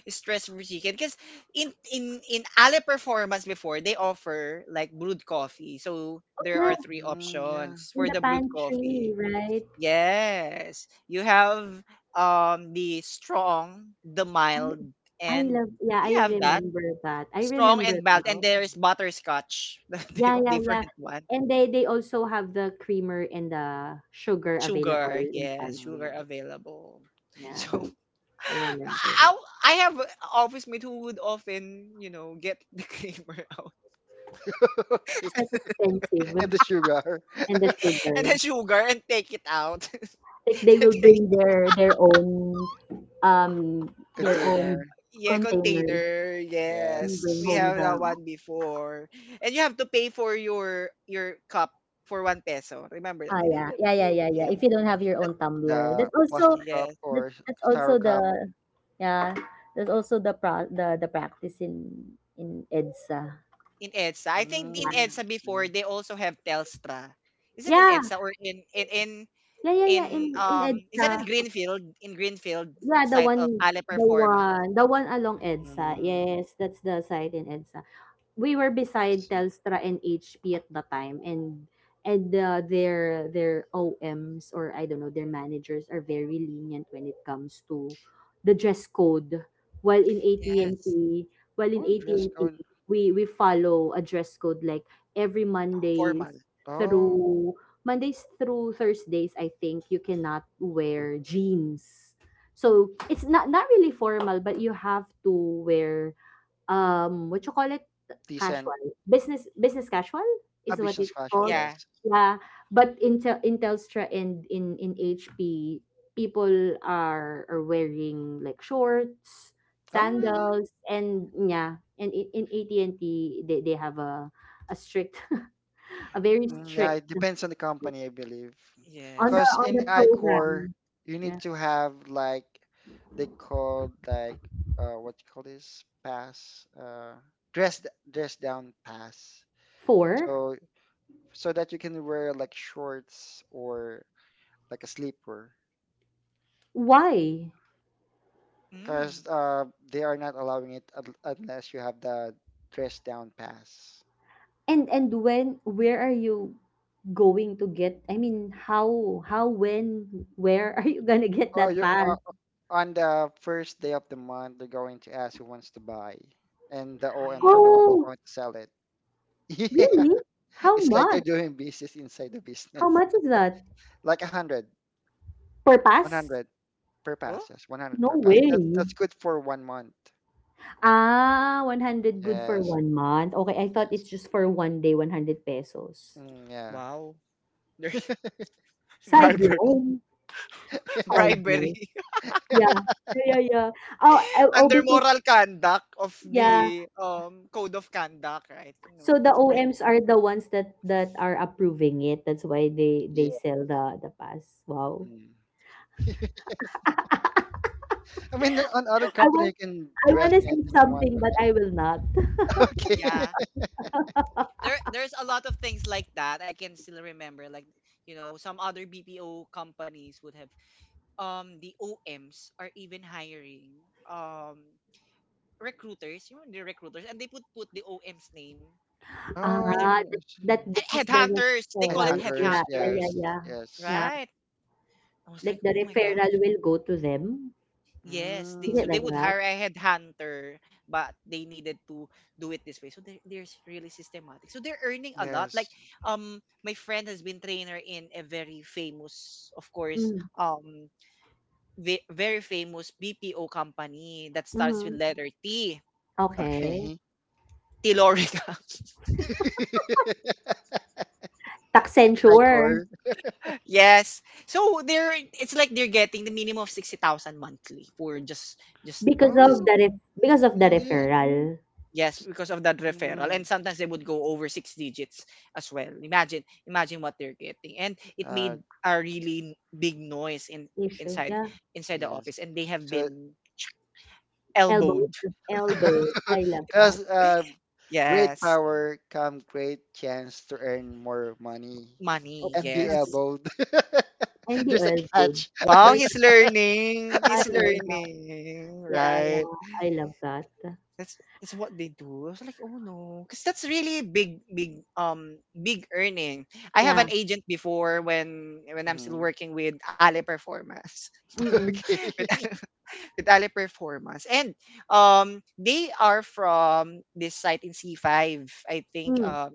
S1: Stress free chicken. Because in in in Ale Performance before they offer like brewed coffee. So
S3: Oh
S1: there
S3: yeah,
S1: are three
S2: Mm, yeah.
S1: options
S3: in
S1: for
S3: the
S1: the brewed
S3: pantry,
S1: coffee.
S3: right?
S1: Yes, you have um the strong, the
S3: Oh,
S1: mild,
S3: I
S1: and
S3: love yeah, I
S1: you have that
S3: remember that. I
S1: strong
S3: remember
S1: and mild.
S3: that.
S1: And there is butterscotch, the di-
S3: Yeah,
S2: Oh.
S3: yeah, yeah.
S1: different one.
S3: And they they also have the creamer and the sugar available
S1: Sugar,
S3: in the
S1: yes,
S3: pantry,
S2: Uh,
S1: sugar
S3: right?
S1: available.
S2: yes.
S3: Yeah,
S1: So
S3: I remember that.
S1: I, I have a office mate who would often, you know, get the creamer out
S2: Okay.
S3: Because that's expensive,
S2: And the sugar.
S3: and the
S1: and
S3: sugar.
S1: the sugar and take it out.
S3: Like, they
S1: To
S3: will
S1: take-
S3: bring their their own, um their own
S2: Container.
S1: yeah,
S3: containers,
S1: container.
S3: and
S1: Yes,
S3: bring
S1: we
S3: home
S2: Yes.
S1: have that
S3: the,
S1: one before. And you have to pay for your your cup for one peso. Remember that
S3: ah,
S1: they did
S3: yeah,
S1: it.
S3: yeah, yeah,
S1: Boom,
S3: yeah, yeah.
S1: yeah,
S3: If you don't have your
S1: that's
S3: own tumbler,
S2: The
S3: that's
S2: plastic
S3: also,
S2: cup
S1: yes.
S2: or
S3: that's,
S2: s-
S3: that's
S2: styro
S3: also
S2: cup.
S3: the, yeah, that's also the pro the the practice in in EDSA.
S1: In EDSA. I think in
S2: Mm,
S3: Yeah,
S1: EDSA
S2: see.
S1: before they also have Telstra. Is it in
S3: yeah,
S1: EDSA or in in in,
S3: yeah, yeah, yeah, in
S1: in
S3: in
S1: um is
S3: EDSA,
S1: that in Greenfield? In Greenfield
S3: yeah. the
S1: site of
S3: one
S1: Ale
S3: the
S1: Performance.
S3: one the one along EDSA,
S2: Mm,
S3: yes, that's the site in EDSA. We were beside
S2: see.
S3: Telstra and H P at the time, and and uh, their their O Ms, or I don't know, their managers are very lenient when it comes to the dress code, while in
S1: Yes.
S3: A T and T, while in
S2: Oh, dress code.
S3: A T and T we we follow a dress code like every
S1: Formal.
S3: Mondays
S2: Oh,
S3: through, Mondays through Thursdays I think you cannot wear jeans, so it's not not really formal, but you have to wear, um, what you call it?
S2: decent.
S3: Casual. Business business casual
S2: A
S3: is what
S2: business
S3: it's
S2: casual.
S3: called.
S1: Yeah.
S2: Yes.
S3: Yeah, but in Tel- in Telstra, and in in H P, people are are wearing like shorts,
S2: Oh, really?
S3: sandals, and yeah, and in, in A T and T, they, they have a a strict a very
S2: Mm, yeah,
S3: strict,
S2: it depends on the company, I believe.
S3: on the,
S1: Yes.
S2: Because
S3: on
S2: in
S3: the
S2: iCore,
S3: program.
S2: you need
S3: Yeah.
S2: to have like, they called like, uh what you call this pass, uh dress d- dress down pass.
S3: Four.
S2: So, so that you can wear like shorts or like a sleeper.
S3: Why?
S1: Mm.
S2: Because uh they are not allowing it un- unless you have the dress down pass.
S3: And and when, where are you going to get, I mean, how how, when, where are you gonna get
S2: Or
S3: that
S2: you,
S3: pass?
S2: on the first day of the month, they're going to ask who wants to buy, and the O Ms are
S1: Mm.
S2: the ones
S3: Oh,
S2: going to sell it. Yeah,
S3: really? How
S2: it's like
S3: much?
S2: they're doing business inside the
S3: How
S2: business.
S3: much is that?
S2: Like a hundred,
S3: Per
S2: one
S3: pass?
S2: hundred per pass.
S1: Oh,
S2: Yes, one hundred
S3: No
S2: per pass. That's
S3: way.
S2: that's good for one month.
S3: Ah, one hundred good for
S2: Yes,
S3: one month. Okay, I thought
S2: yes.
S3: it's just for one day, one hundred pesos.
S2: Mm, yeah.
S1: wow. There's
S3: Side
S1: bribery.
S3: loan. Side
S1: bribery.
S3: loan. Yeah. Yeah, yeah, yeah. Oh, I- oh,
S1: Under
S3: because,
S1: moral conduct of
S3: yeah.
S1: the um code of conduct, right? You
S3: So
S1: know,
S3: the
S1: that's bribery.
S3: O Ms are the ones that that are approving it. That's why they they
S2: Yeah.
S3: sell the the pass. Wow.
S2: Mm. Yes. I mean, on
S1: No,
S2: other
S3: I
S2: company,
S3: was
S2: you can
S3: I
S2: dress
S3: wanna say
S2: anything you want.
S3: something, but I will not.
S2: Okay.
S1: yeah. there there's a lot of things like that I can still remember, like, you know, some other B P O companies would have, um the O Ms are even hiring um recruiters, you know, the recruiters, and they put put the O M's name for the
S3: Ah,
S1: recru-
S2: Oh, I
S3: that
S2: see.
S3: that
S1: and
S3: this is the
S1: headhunters, they call it
S3: referral.
S2: Headhunters.
S3: Yeah, yeah, yeah,
S2: Yes,
S1: headhunters,
S3: yeah.
S2: yes.
S3: Yeah,
S1: right? I was
S3: like
S1: like,
S3: the
S1: oh my
S3: referral
S1: gosh.
S3: will go to them?
S1: Yes,
S3: Is
S1: they so
S3: it
S2: Mm.
S1: they
S3: like
S1: would
S3: that?
S1: hire a headhunter, but they needed to do it this way. So they're, they're s- really systematic. So they're earning a lot. Like,
S2: Yes.
S1: um, my friend has been trainer in a very famous, of course,
S3: Mm,
S1: um, ve- very famous B P O company that starts with
S3: mhm.
S1: letter T.
S3: Okay.
S2: Okay.
S1: Tilorica.
S3: Tax
S2: High
S3: censure,
S2: court.
S1: yes. So they're, it's like they're getting the minimum of sixty thousand monthly for just just
S3: because of
S1: just
S2: Oh,
S3: the ref because of the
S2: really?
S3: referral
S1: yes,
S2: That's,
S1: because of that referral.
S2: mm,
S1: And sometimes they would go over six digits as well. Imagine, imagine what they're getting. And it
S2: uh,
S1: made a really big noise in
S3: issue.
S1: inside
S3: Yeah.
S1: inside the office.
S2: yes.
S1: And they have
S2: So,
S1: been
S3: Elbow,
S1: elbowed.
S3: elbow. I love that.
S2: because, uh, great
S1: Yes.
S2: power come great chance to earn more money
S3: Oh,
S1: Money,
S2: and be
S3: love it.
S1: yes.
S2: elbowed.
S3: And the
S2: There's a
S3: elbow.
S2: catch.
S1: Wow,
S3: There's
S1: he's learning.
S3: I
S1: He's
S3: love that.
S1: learning.
S3: Yeah,
S1: Right.
S3: yeah. I love that.
S1: That's that's what they do. I was like, oh no. Because that's really big, big, um, big earning. I have an
S3: Yeah.
S1: agent before when when I'm still
S2: Hmm.
S1: working with Ale Performance.
S3: Mm-mm.
S1: With
S2: Okay.
S1: Ale, with Ale Performance. And um, they are from this site in C five. I think
S3: Mm.
S1: um,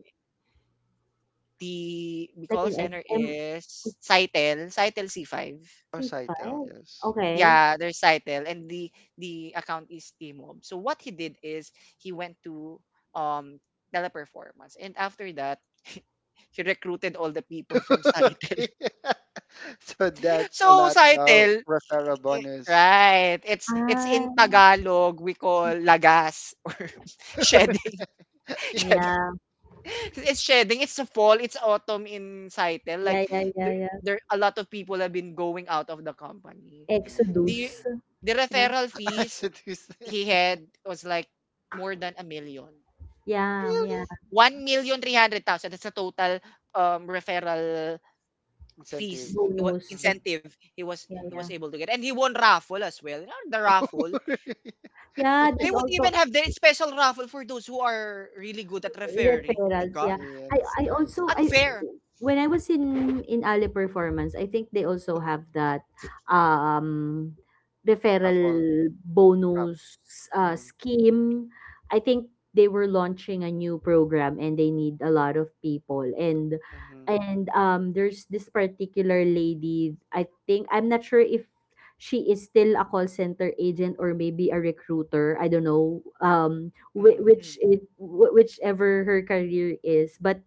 S1: the we
S3: Like
S1: call
S3: an
S1: center
S3: S M.
S1: is Sitel, Sitel C five.
S2: Oh, Saitel,
S3: P five?
S2: yes.
S3: Okay.
S1: Yeah, there's Sitel, and the the account is Tmob. So what he did is he went to um teleperformance, and after that, he recruited all the people from Sitel.
S2: Okay. So that's a
S1: So
S2: lot of
S1: Sitel,
S2: referral
S1: eh,
S2: bonus.
S1: right. It's it's in
S3: Ah,
S1: Tagalog we call lagas or shedding. Shedding.
S3: yeah.
S1: It's shedding. It's a fall. It's autumn in Saitel. Like,
S3: Yeah, yeah, yeah,
S1: there,
S3: yeah.
S1: there a lot of people have been going out of the company. The
S3: Exodus.
S2: Mm.
S1: the
S3: Yeah,
S1: referral
S2: I
S1: fees
S2: seduce
S1: he had was like more than a million.
S3: yeah, yeah.
S2: Really?
S1: One
S2: That's
S1: million three hundred thousand. That's the total um referral
S2: incentive.
S1: fees he wa-
S3: Bonus. that-
S2: Mm-hmm.
S1: incentive he was
S3: Yeah,
S1: he was
S3: yeah.
S1: able to get, and he won raffle as well. You know, the raffle,
S2: Mm-hmm.
S3: Yeah,
S1: they
S3: there's
S1: would
S3: also
S1: even have their special raffle for those who are really good at referring. Oh my
S3: referrals,
S1: God.
S3: yeah.
S2: Yeah,
S3: I
S2: that's
S3: I
S2: nice.
S3: also I
S1: Unfair.
S3: When I was in in Ali performance, I think they also have that um
S2: Raffle.
S3: referral
S2: Raffle.
S3: bonus, uh,
S2: Mm-hmm.
S3: scheme. I think they were launching a new program and they need a lot of people. and
S2: Mm-hmm.
S3: and um there's this particular lady, I think, I'm not sure if she is still a call center agent or maybe a recruiter, I don't know. Um whi-
S2: Mm-hmm.
S1: Mm,
S3: which it wh- whichever her career is, but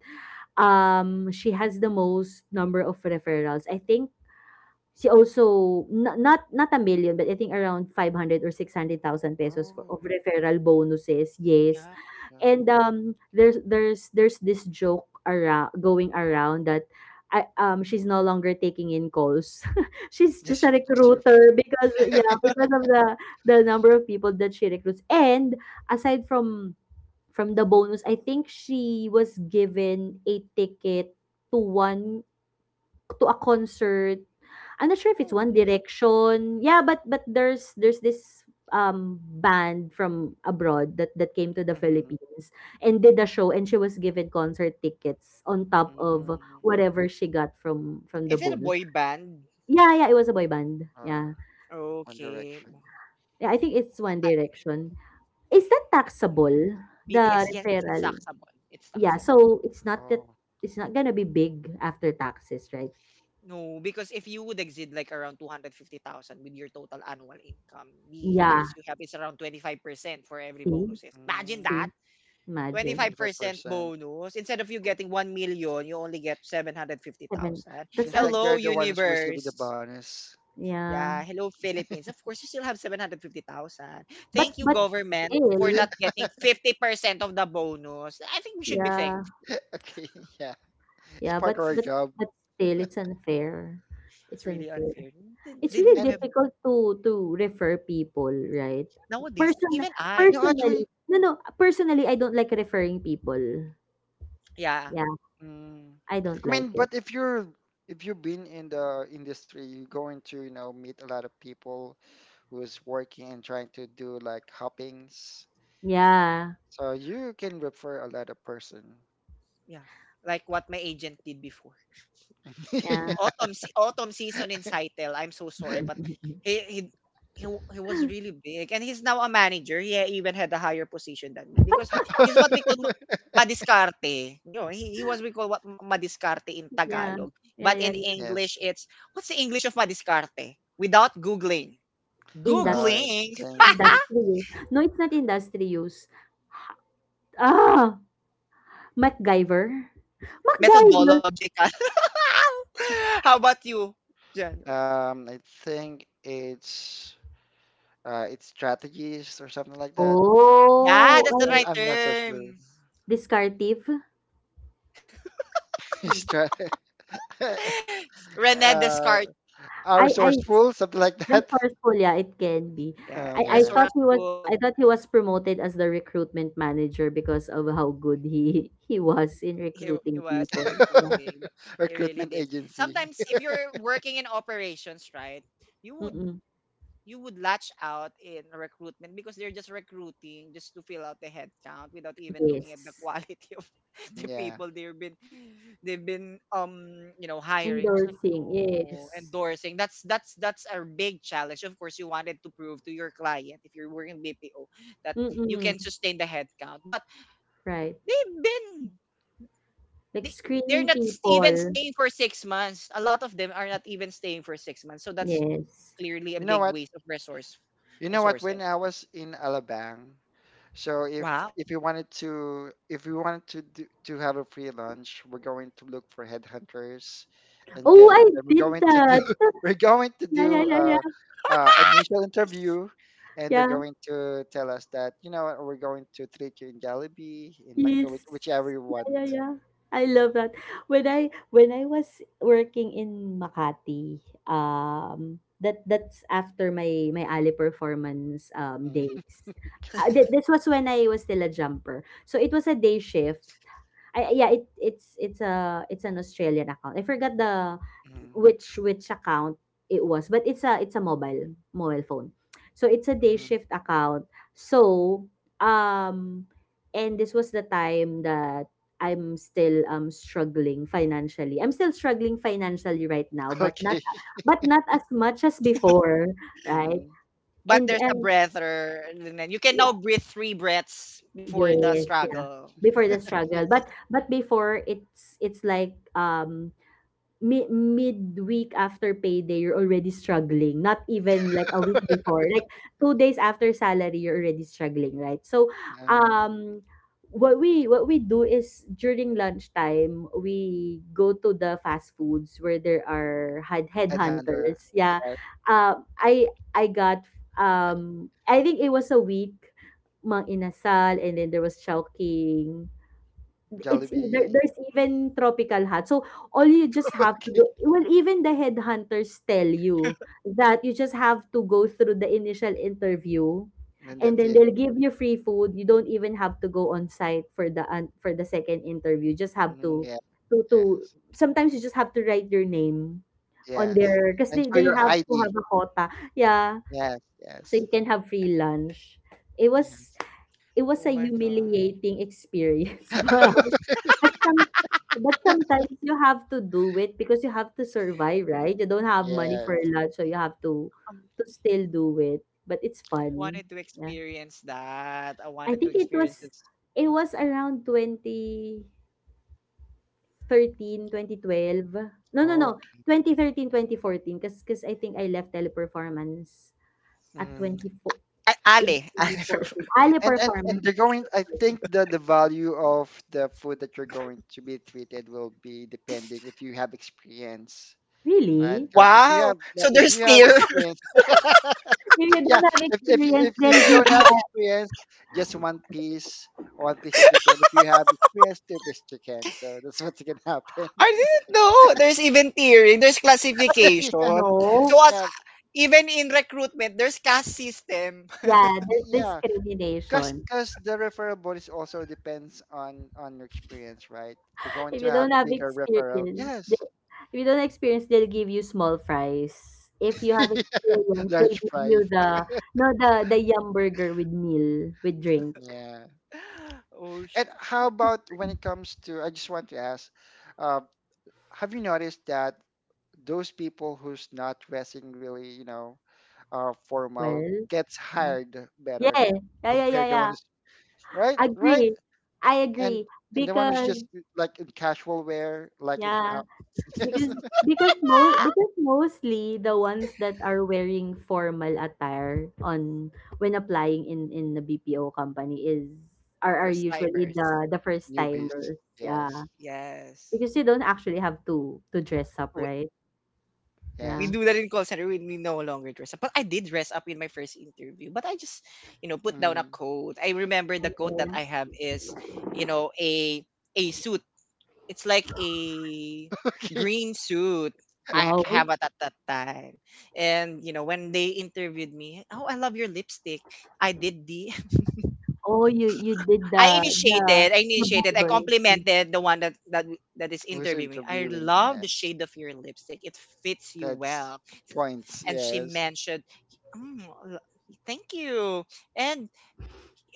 S3: um she has the most number of referrals. I think she also, not not not a million, but I think around five hundred or six hundred thousand pesos, for, of
S2: Oh,
S3: referral bonuses, yes.
S1: yeah.
S2: yeah.
S3: And um there's there's there's this joke around going around that, I, um she's no longer taking in calls she's
S2: Just,
S3: just a
S2: you- just you're
S3: recruiter,
S2: referring.
S3: because, yeah, because of the the number of people that she recruits, and aside from from the bonus, I think she was given a ticket, to one to a concert. I'm not sure if it's
S2: Oh.
S3: One Direction. Yeah, but but there's there's this um band from abroad that that came to the
S2: Mm-hmm.
S3: Philippines and did a show, and she was given concert tickets on top of
S2: Mm-hmm.
S3: whatever she got from from the
S1: Is it a
S3: bonus.
S1: boy band?
S3: Yeah, yeah, it was a boy band.
S2: Or
S3: Yeah.
S2: One
S1: Okay.
S2: Direction.
S3: Yeah, I think it's
S1: Uh,
S3: One Direction. Is that
S2: Mm.
S3: taxable?
S1: B T S,
S3: The
S1: yes, it's, it's
S3: referral.
S1: taxable. It's
S3: Yeah,
S1: taxable.
S3: so it's not that,
S2: Oh.
S3: it's not gonna be big after taxes, right?
S1: No, because if you would exceed like around two hundred fifty thousand with your total annual income, the
S3: Yeah.
S1: tax you have is around twenty-five percent for every
S3: See?
S1: bonuses. Imagine that.
S2: Mm.
S3: See? Imagine.
S1: twenty-five percent
S2: twenty-five percent.
S1: bonus. Instead of you getting one million, you only get
S3: Seven.
S1: seven hundred fifty thousand.
S3: That's
S2: Seems like
S1: Hello,
S3: unfair.
S2: they're the ones receiving the
S1: universe.
S2: bonus.
S3: Yeah.
S1: Yeah, hello Philippines. Of course, you still have seven hundred fifty thousand. Thank
S3: But
S1: you
S3: but
S1: government for
S3: still,
S1: not getting fifty percent of the bonus. I think we should be
S3: yeah.
S1: thankful.
S2: Okay, yeah. It's
S3: Yeah,
S2: part of
S3: but
S2: our
S3: but
S2: job.
S3: but still it's unfair.
S1: It's
S3: It's
S1: really
S3: unfair.
S1: unfair. They,
S3: It's
S1: they
S3: really
S1: do
S2: And
S1: have
S3: difficult to to refer people, right?
S1: nowadays,
S3: Person
S1: even I.
S2: no,
S3: personally,
S2: actually,
S3: no, no, personally I don't like referring people.
S1: Yeah,
S3: Yeah,
S2: mm.
S3: I don't
S2: I mean,
S3: like it.
S2: but if you're, if you've been in the industry, you're going to, you know, meet a lot of people who's working and trying to do like hoppings.
S3: Yeah.
S2: So you can refer a lot of person.
S1: yeah. Like what my agent did before.
S3: Yeah.
S1: Autumn se- autumn season in Saitel. I'm so sorry, but he he he, w- he was really big, and he's now a manager. He even had a higher position than me because he's what we call ma- madiscarte. You know, he, he was we call what ma- madiscarte in
S3: Yeah.
S1: Tagalog,
S3: Yeah,
S1: but
S3: yeah,
S1: in
S3: yeah.
S2: Yes.
S1: English, it's what's the English of madiscarte? Without googling,
S2: Uh,
S3: Indus
S2: I
S1: googling
S2: think it
S3: industry use. No, it's not industry use. Ah! MacGyver? MacGyver!
S1: methodological. How about you, Jan?
S2: um I think it's uh it's strategies or something like that.
S1: Yeah,
S3: Oh!
S1: that's the
S3: Ay,
S2: I'm
S1: right
S2: I'm not so sure.
S1: term.
S3: discursive?
S2: Stra-
S1: Rene
S2: uh
S1: Descartes.
S2: are
S3: I, I,
S2: resourceful, something like that.
S3: resourceful, yeah, it can be.
S1: Yeah,
S2: Uh,
S3: I, I
S2: yeah.
S3: thought he was,
S1: resourceful.
S3: I thought he was promoted as the recruitment manager because of how good he, he was in
S1: He, he
S3: recruiting
S1: was in
S3: people. Yeah.
S1: recruiting, but he really
S2: Recruitment
S1: did.
S2: agency.
S1: Sometimes if you're working in operations, right, you would
S3: Mm-mm.
S1: you would latch out in recruitment because they're just recruiting just to fill out the headcount without even looking at the
S3: Yes.
S1: quality of the
S2: Yeah.
S1: people they've been they've been um you know hiring. I was like
S3: Endorsing,
S1: no
S3: yes.
S1: endorsing. That's that's that's a big challenge. Of course, you wanted to prove to your client if you're working B P O that you
S3: Mm-mm.
S1: can sustain the headcount, but
S3: Right.
S1: they've been
S3: Like
S1: they, they're
S3: screening
S1: not s- even
S3: people.
S1: staying for six months. A lot of them are not even staying for six months. So that's
S3: Yes.
S1: clearly a
S2: You know
S1: big
S2: what?
S1: waste of resource
S2: You know what?
S1: resources.
S2: When I was in Alabang, so if
S1: Wow.
S2: if you wanted to if we wanted to do, to have a free lunch, we're going to look for headhunters, and
S3: Oh,
S2: get
S3: I
S2: and then we're
S3: did
S2: going to do
S3: that.
S2: we're going to
S3: Yeah, yeah,
S2: do
S3: yeah, yeah,
S2: uh, uh initial interview, and they're
S3: yeah.
S2: going to tell us that you know what, we're going to treat you in Jollibee, in McDo, which,
S3: Yes.
S2: whichever you
S3: Yeah,
S2: want.
S3: yeah, yeah. I love that. When I when I was working in Makati, um, that that's after my my Ali performance um
S2: Mm.
S3: days.
S2: Okay.
S3: Uh, thi this was when I was still a jumper. So it was a day shift. I Yeah, it it's it's a it's an Australian account. I forgot the
S2: Mhm,
S3: which which account it was, but it's a it's a mobile mobile phone. So it's a day
S2: mhm.
S3: shift account. So um and this was the time that I'm still um struggling financially. I'm still struggling financially right now, but not
S2: Okay.
S3: but not as much as before, right?
S2: Mhm.
S1: But
S3: And
S1: there's a
S3: and
S1: breather, and then you can
S3: yeah,
S1: now breathe three breaths before the
S3: yes, yeah.
S1: struggle.
S3: Before the struggle, but but before it's it's like um mi midweek after payday, you're already struggling, not even like a week before. Like two days after salary, you're already struggling, right? So,
S2: um,
S3: um, what we what we do is during lunchtime, we go to the fast foods where there are head
S2: Ed Hunter,
S3: headhunters. Yeah.
S2: yeah.
S3: Uh, I I got, um I think it was a week, Mang Inasal, and then there was Chowking. It's e- there
S2: Jollibee.
S3: there's even tropical hats. So, all you just have to
S2: Okay,
S3: do well, even the headhunters tell you that you just have to go through the initial interview,
S2: and then
S3: and
S2: that's
S3: then
S2: it.
S3: they'll give you free food. You don't even have to go on-site for the an for the second interview. You just have
S2: Mm,
S3: to
S2: yes,
S3: to to
S2: yes,
S3: sometimes you just have to write your name on
S2: yes.
S3: their because
S2: And
S3: they
S2: show
S3: they
S2: your
S3: have to
S2: I D.
S3: have a quota. Yeah.
S2: Yes,
S3: So,
S2: yes,
S3: you can have free lunch. It was
S2: yes,
S3: It was
S1: Oh
S3: a
S1: my gosh.
S3: humiliating experience, but but some but sometimes you have to do it because you have to survive, right? You don't have money
S2: yes.
S3: for lunch, so you have to
S1: I
S3: to still do it. But it's fun.
S1: wanted to
S3: Yeah.
S1: experience that. I
S3: I
S1: wanted to
S3: think it
S1: experience
S2: Mhm.
S3: was
S1: this.
S3: it was around twenty thirteen, twenty twelve. No, no, no.
S2: Okay.
S3: Twenty thirteen, because because cause 'cause I think I left teleperformance at
S2: Mhm.
S3: twenty four,
S1: A-
S3: twenty
S1: Ale.
S3: fourteen.
S1: Ale.
S3: twenty fourteen. Ali
S2: And and and
S3: performance.
S2: they're going. I think that the value of the food that you're going to be treated will be depending if you have experience, right?
S3: Really?
S2: Because if you
S1: Wow.
S2: have like,
S1: So
S2: if you
S1: there's
S2: have
S1: tier.
S2: experience,
S3: If you
S2: yeah,
S3: don't have
S2: if if you
S3: experience,
S2: if,
S3: they'll
S2: if you
S3: give
S2: don't
S3: you
S2: have
S3: a,
S2: experience, just one piece, one piece chicken. If you have experience, two piece chicken. So that's what's gonna happen.
S1: I didn't know. There's even tiering. There's classification.
S2: yeah,
S3: no.
S1: So a
S2: yeah,
S1: even in recruitment, there's caste system.
S3: Yeah, there's
S2: yeah. Cause
S3: discrimination.
S2: cause the referral bonus also depends on on your experience, right? You're going
S3: If
S2: to
S3: you
S2: have
S3: don't have
S2: bigger referral.
S3: experience, they
S2: Yes,
S3: if you don't experience, they'll give you small fries. If you have experience,
S2: large
S3: they'll give you
S2: price.
S3: the, no, the the yum burger with meal with drink.
S2: Yeah.
S1: Oh
S2: And
S1: shit.
S2: how about when it comes to? I just want to ask, uh, have you noticed that those people who's not dressing really, you know, uh, formal
S3: Well,
S2: gets
S3: no.
S2: hired
S3: Yeah,
S2: better
S3: yeah, yeah, yeah,
S2: compared to one
S3: yeah.
S2: who's right, right,
S3: Agree, I
S2: and
S3: agree
S2: and the one who's
S3: because
S2: just like in casual wear, like in
S3: yeah.
S2: how. Yes,
S3: Because because more because mostly the ones that are wearing formal attire on when applying in in the B P O company is are are
S1: First
S3: usually
S1: timers.
S3: the the first
S2: newbies,
S3: timers.
S2: yes,
S3: Yeah.
S1: Yes.
S3: Because you don't actually have to to dress up,
S1: Oh,
S3: right?
S1: we
S2: yes,
S3: Yeah.
S1: do that in call center. We, we no longer dress up. But I did dress up in my first interview. But I just, you know, put down a
S2: mm.
S1: coat. I remember the coat that
S3: Okay.
S1: I have is, you know, a a suit. It's like a green suit. I
S3: Wow.
S1: have it at that time. And, you know, when they interviewed me, oh, I love your lipstick. I did the
S3: Oh, you you did the
S1: I
S3: the
S1: initiated. I
S3: the
S1: initiated. I
S3: Google.
S1: complimented the one that that that is
S2: Who's
S1: interviewing me. I
S2: interviewing,
S1: love the
S2: yes,
S1: shade of your lipstick. It fits you well.
S2: that's points,
S1: And she
S2: yes,
S1: mentioned, "Mm, l- "Thank you." And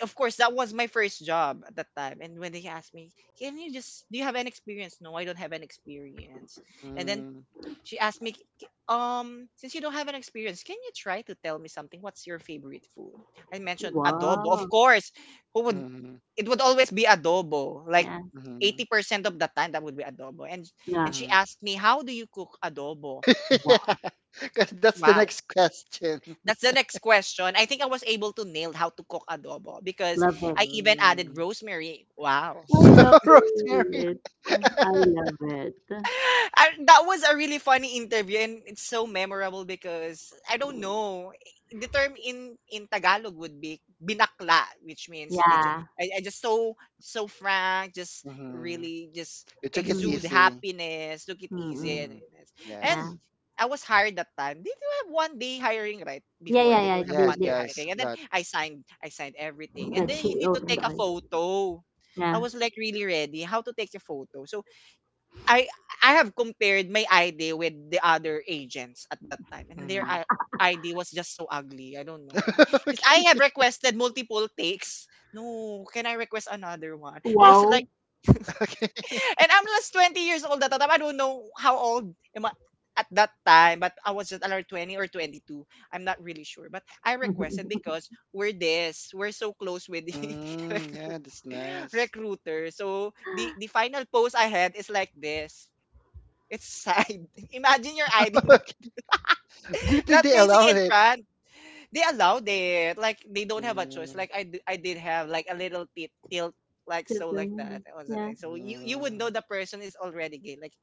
S1: of course, that was my first job at that time. And when they asked me, "Can you just do you have an experience?" No, I don't have an experience. And then
S2: mm,
S1: she asked me, "K- um, since you don't have an experience, can you try to tell me something? What's your favorite food? I mentioned adobo. Of
S3: Wow.
S1: course, who would?
S2: mm,
S1: It would always be adobo. Like
S3: Yeah.
S2: mm,
S1: eighty percent of the time, that would be adobo. And
S3: Yeah.
S1: and she
S2: mm.
S1: asked me, how do you cook adobo?
S2: Yeah.
S3: Wow.
S2: Because that's the
S1: Wow,
S2: next question.
S1: that's the next question. I think I was able to nail how to cook adobo because
S3: Love it.
S1: I even
S2: Mm.
S1: added rosemary. Wow.
S3: I love
S2: Rosemary.
S3: it. I love it.
S1: And that was a really funny interview, and it's so memorable because I don't know the term in in Tagalog would be binakla, which means it, ju-
S3: Yeah.
S1: I, I just so so frank, just
S2: Mhm.
S1: really just
S2: You took it
S1: exude
S3: Mhm.
S2: easy.
S1: happiness, took it easy,
S3: Mm,
S2: Mm.
S1: and and
S2: Yes.
S3: yeah.
S1: I was hired that time. They do have one day hiring, right?
S3: Yeah,
S1: Before
S3: yeah,
S1: they do
S3: yeah.
S1: have
S3: They,
S2: Yes,
S1: one
S3: they,
S1: day
S2: yes,
S1: hiring, and then
S2: lot.
S1: I signed I signed everything, and
S3: that
S1: then
S3: she
S1: you need to
S3: owned
S1: take a
S3: all.
S1: photo. I
S3: Yeah.
S1: was like really ready how to take a photo. So I I have compared my I D with the other agents at that time, and their
S2: Mm.
S1: uh, I- ID was just so ugly. I don't know why. Because
S2: Okay.
S1: I have requested multiple takes. No, can I request another one? I was
S3: Wow.
S1: like,
S2: Okay.
S1: and I'm just twenty years old at that time. I don't know how old am I at that time, but I was just around twenty or twenty-two. I'm not really sure. But I requested because we're this, we're so close with the
S2: Mm,
S1: recruit
S2: yeah, that's nice.
S1: recruiter. So the the final post I had is like this. It's side. Imagine your I D not,
S2: Good thing
S1: not
S2: they
S1: facing
S2: allowed
S1: in
S2: it.
S1: front. They allowed it. Like they don't have a choice.
S2: Mm,
S1: Like I, d- I did have like a little tilt, tilt like
S3: Tip
S1: so
S3: their
S1: like
S3: head.
S1: that. That was it.
S3: Yeah.
S1: So you you would
S2: mm,
S1: know the person is already gay. Like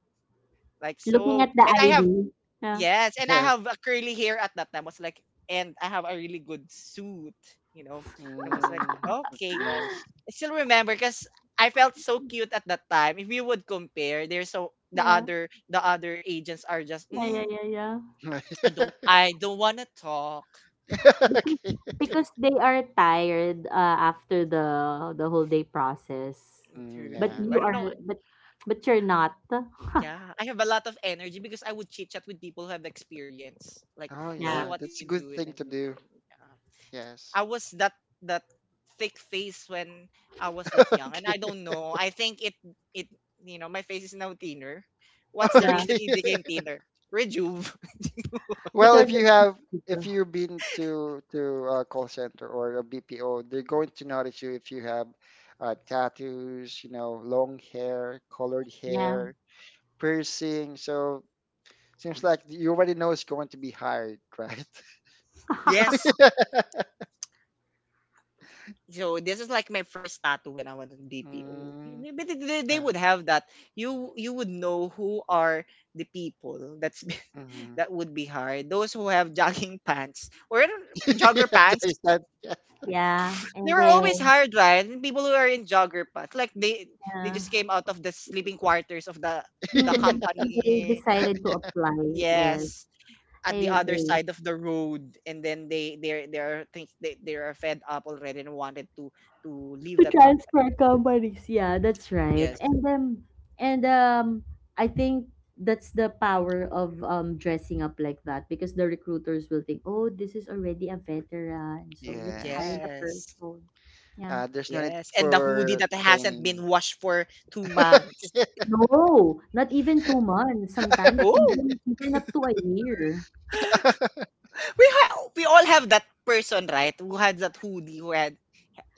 S1: like
S3: Looking
S1: so.
S3: at the
S1: And I have
S3: I D. Yeah.
S1: Yes, and I
S2: yes.
S1: have a curly hair at that time. I was like, and I have a really good suit. You know, and I was like,
S2: Mm, that's
S1: okay.
S2: nice.
S1: I still remember because I felt so cute at that time. If you would compare, there's so the
S3: Yeah.
S1: other the other agents are just
S3: Yeah, yeah,
S1: mm,
S3: yeah, yeah.
S1: I don't I don't wanna talk,
S3: Because
S2: Okay.
S3: because they are tired uh, after the the whole day process.
S2: Mm,
S3: But
S2: yeah.
S1: interview. I
S3: you
S1: don't
S3: are,
S1: know.
S3: but but you're not.
S1: Yeah. I have a lot of energy because I would chit chat with people who have experience. Like,
S2: Oh,
S1: hey,
S3: Yeah.
S2: yeah.
S1: what did
S2: That's a
S1: you
S2: good
S1: do and
S2: thing to do.
S1: everything. Yeah.
S2: Yes.
S1: I was that that thick face when I was that young. And I
S2: Okay.
S1: don't know. I think it it you know, my face is now thinner. What's the
S3: Yeah.
S1: reason
S2: Okay.
S1: it became thinner? Rejuve.
S2: Well,
S3: Because
S2: if you have if you have been to to a call center or a B P O, they're going to notice you if you have uh, tattoos, you know, long hair, colored
S3: yeah.
S2: hair, piercing. So seems like you already know it's going to be hired, right?
S1: yes. So this is like my first tattoo when I was in B P O.
S2: Mm,
S1: Maybe they, they they
S2: yeah.
S1: would have that. You you would know who are the people that's
S2: Hmm.
S1: that would be hired. Those who have jogging pants or I don't- jogger pants.
S3: Yeah.
S1: They
S3: And
S1: were always
S3: then
S1: hired, right? And people who are in jogger pants, like they they
S3: uh,
S1: just came out of the sleeping quarters of the the
S3: mm-mm. And they
S1: company.
S3: decided to apply. Yes.
S1: Yes,
S3: I
S1: at the other
S3: agree.
S1: side of the road, and then they they they are think they they are fed up already and wanted to to leave
S3: To
S1: that company.
S3: transfer companies. Yeah, that's right.
S1: Yes.
S3: And um and um I think that's the power of um dressing up like that because the recruiters will think, "Oh, this is already a veteran, so let's hire
S2: Yes.
S3: the
S1: Yes.
S3: person." Yeah.
S2: Uh, there's no need
S1: Yes. And the hoodie
S2: for
S1: that hasn't been
S2: training.
S1: washed for two months.
S3: No, not even two months. Sometimes
S1: Oh,
S3: even even up to a year.
S1: we ha- we all have that person, right? Who had that hoodie, who had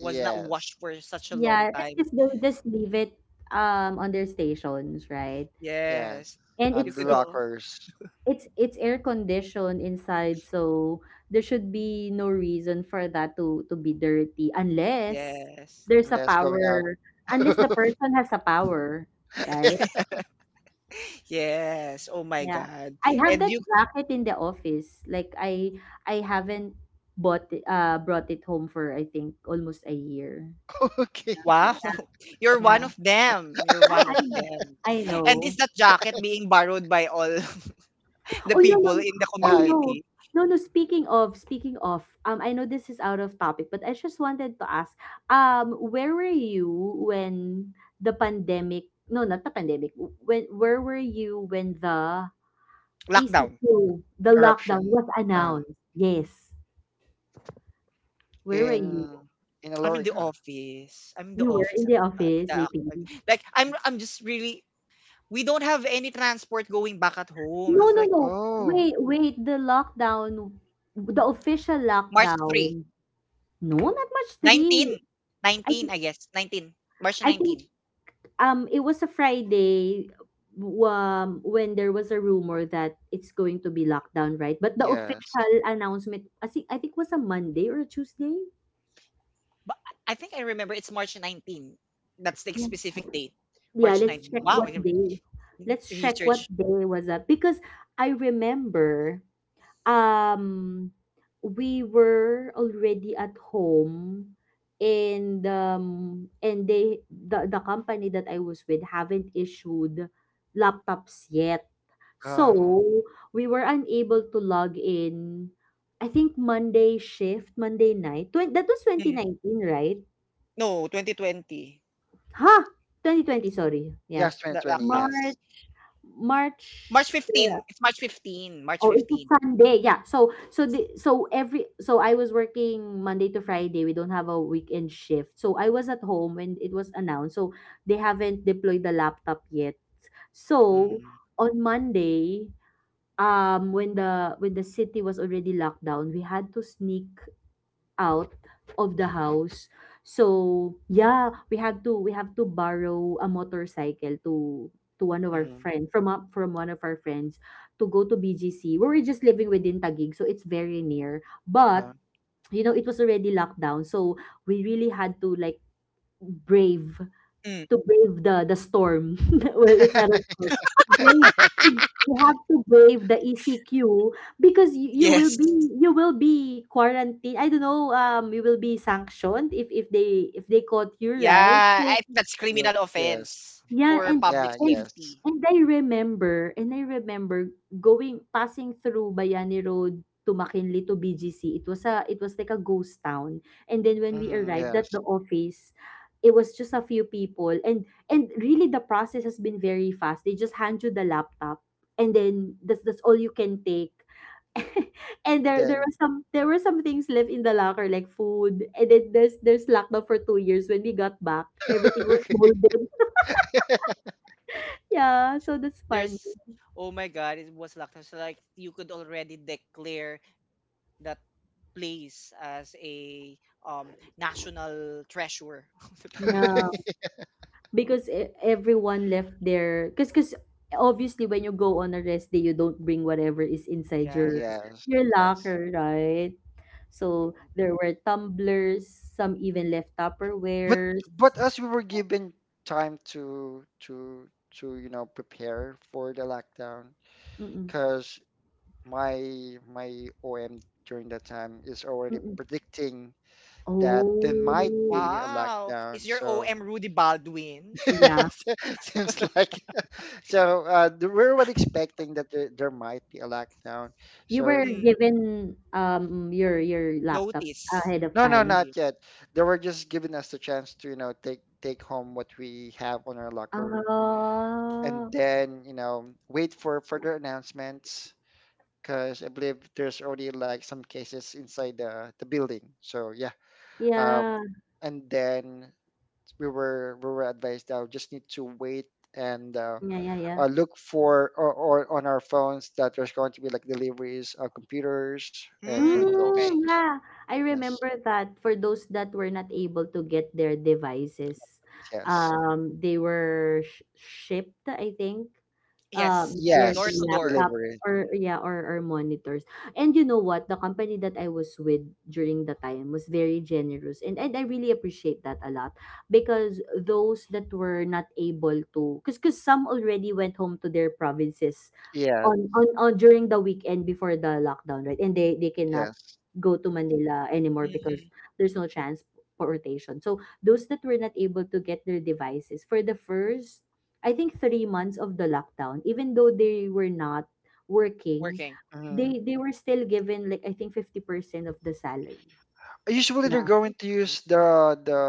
S1: was not washed for such a long
S3: Yeah,
S1: time.
S3: because they just leave it um on their stations, right?
S2: Yes.
S1: Yes.
S3: And
S2: On
S1: You
S2: the
S3: it's
S1: could
S3: it's
S1: all.
S2: lockers,
S3: It's it's air conditioned inside, so there should be no reason for that to to be dirty, unless
S1: Yes.
S3: there's a
S2: unless going out.
S3: power unless the person has a power, right?
S1: yes. Oh my
S3: Yeah.
S1: God.
S3: I have
S1: And
S3: that
S1: you.
S3: jacket in the office. Like I I haven't bought it, uh brought it home for I think almost a year.
S2: Okay.
S1: Wow.
S3: Yeah.
S1: You're one
S3: Yeah.
S1: of them. You're
S3: Ah,
S1: one of them.
S3: I I
S1: And is
S3: know.
S1: that jacket being borrowed by all the
S3: Oh no, no,
S1: people in the
S3: oh
S2: Yeah,
S3: no.
S1: community?
S3: No, no, speaking of speaking of, um, I know this is out of topic, but I just wanted to ask, um, where were you when the pandemic, no, not the pandemic, when where were you when the
S1: Lockdown.
S3: E C Q, the lockdown
S2: eruption.
S3: was
S2: Uh,
S3: announced? Yes. Where were you?
S2: in in
S1: I'm in the
S2: Alorica.
S1: office. I'm in the
S3: You were
S1: office
S3: in the
S1: at the time.
S3: office,
S1: The
S3: J P.
S1: ac- Like I'm I'm just really, we don't have any transport going back at home.
S3: No,
S1: It's
S3: no,
S1: like
S3: no.
S2: Oh,
S3: Wait, wait, the lockdown, the official
S1: March three,
S3: lockdown. No, not much three.
S1: nineteen,
S3: I
S1: nineteen.
S3: think
S1: I guess. nineteen. March
S3: I
S1: 19.
S3: think Um, it was a Friday, w- um, when there was a rumor that it's going to be lockdown, right? But the
S2: yes.
S3: official announcement, I think, I think was a Monday or a Tuesday.
S1: But I think I remember it's March nineteenth. That's the
S3: Yeah.
S1: specific date.
S3: Yeah,
S1: March
S3: let's
S1: 19.
S3: check
S1: Wow,
S2: Mm,
S3: what
S1: you-
S3: day. Let's check
S1: research.
S3: what day was that because I remember um we were already at home, and um and they the, the company that I was with haven't issued laptops yet. So
S2: uh-huh.
S3: we were unable to log in. I think Monday shift, Monday night. Twen- that was
S1: Mm-hmm.
S3: twenty nineteen, right?
S1: No, twenty twenty,
S3: Huh? twenty twenty, sorry. Yeah.
S2: Yes,
S1: the
S2: twenty twenty.
S1: lockdown.
S2: Yes.
S3: March
S1: March
S3: March, yeah.
S1: 15, it's March fifteen, March
S3: Oh, it's a
S1: 15.
S3: Sunday. Yeah. So so the, so every so I was working Monday to Friday. We don't have a weekend shift. So I was at home when it was announced. So they haven't deployed the laptop yet. So
S2: Mm-hmm.
S3: on Monday, um when the when the city was already locked down, we had to sneak out of the house. So yeah, we had to we have to borrow a motorcycle to to one of our
S2: Mm-hmm.
S3: friends, from up from one of our friends, to go to B G C where we're just living within Taguig, so it's very near. But,
S2: Uh,
S3: you know it was already locked down, so we really had to like brave
S1: Mm.
S3: to brave the the storm. Well, it's not a storm. To brave, you have to brave the E C Q because you, you will
S1: Yes.
S3: be you will be quarantined. I don't know. Um, you will be sanctioned if if they if they caught you, right?
S1: Yeah,
S3: So
S1: I think that's criminal
S2: Yo- yes.
S1: offense
S3: yeah.
S1: for
S2: Mm,
S3: and
S2: yeah.
S1: public
S3: and
S2: Yes.
S1: safety.
S3: and I remember and I remember going, passing through Bayani Road to McKinley to B G C. It was a it was like a ghost town. And then when we
S2: Mm-hmm,
S3: arrived at
S2: yes.
S3: the office, it was just a few people, and and really the process has been very fast. They just hand you the laptop, and then that's that's all you can take. And
S2: And
S3: there there
S2: then
S3: were some there were some things left in the locker, like food. And then there's there's lockdown for two years. When we got back, everything was molded. Yeah, so that's fun.
S1: There's Oh my god, it was lockdown. So like you could already declare that place as a um national treasure of the Philippines.
S3: Yeah, because e- everyone left their, because because obviously when you go on a rest day, you don't bring whatever is inside your
S1: Yes.
S2: yes.
S3: your
S2: Yes.
S3: locker, right?
S1: You know.
S3: So there were tumblers, some even left
S2: But
S3: Tupperwares.
S2: but as we were given time to to to you know prepare for the lockdown,
S3: Mm-mm,
S2: because my my O M during that time is already
S3: mm-mm.
S2: predicting that there might
S3: Oh,
S2: be a
S1: Wow. Is
S2: lockdown.
S1: your
S2: So
S1: O M Rudy Baldwin?
S3: yeah.
S2: seems like so uh, th- we were expecting that there, there might be a lockdown.
S3: You
S2: So
S3: were
S1: Mm.
S3: given um your your laptops
S1: Notice
S3: ahead of
S2: no, no,
S3: time.
S2: not
S1: relief.
S2: yet. They were just giving us the chance to you know take take home what we have on our locker and
S3: Ah,
S2: then you know wait for further announcements because I believe there's already like some cases inside the the building. So yeah, um,
S3: yeah,
S2: and then we were we were advised that we just need to wait and uh,
S3: yeah, yeah, yeah.
S2: uh, look for or, or on our phones that there's going to be like deliveries of computers and
S1: Mm,
S2: dongles.
S1: okay.
S3: Mm, yeah, I
S2: Yes,
S3: remember that for those that were not able to get their devices,
S2: yes,
S3: um, they were sh shipped, I think,
S1: Yes.
S3: um, their,
S1: Door
S3: their
S2: yes,
S1: to door.
S3: laptops,
S2: delivery.
S3: or yeah, or, or monitors. And you know what? The company that I was with during the time was very generous, and, and I really appreciate that a lot because those that were not able to, because because some already went home to their provinces
S2: Yeah,
S3: on on on during the weekend before the lockdown, right? And they they cannot
S2: yes.
S3: go to Manila anymore because
S1: Hmm.
S3: there's no transportation. So those that were not able to get their devices for the first, I think three months of the lockdown, even though they were not working,
S1: Working.
S3: they
S2: Hmm.
S3: they were still given like I think fifty percent of the salary.
S2: Usually they're going to
S1: Okay.
S2: use the the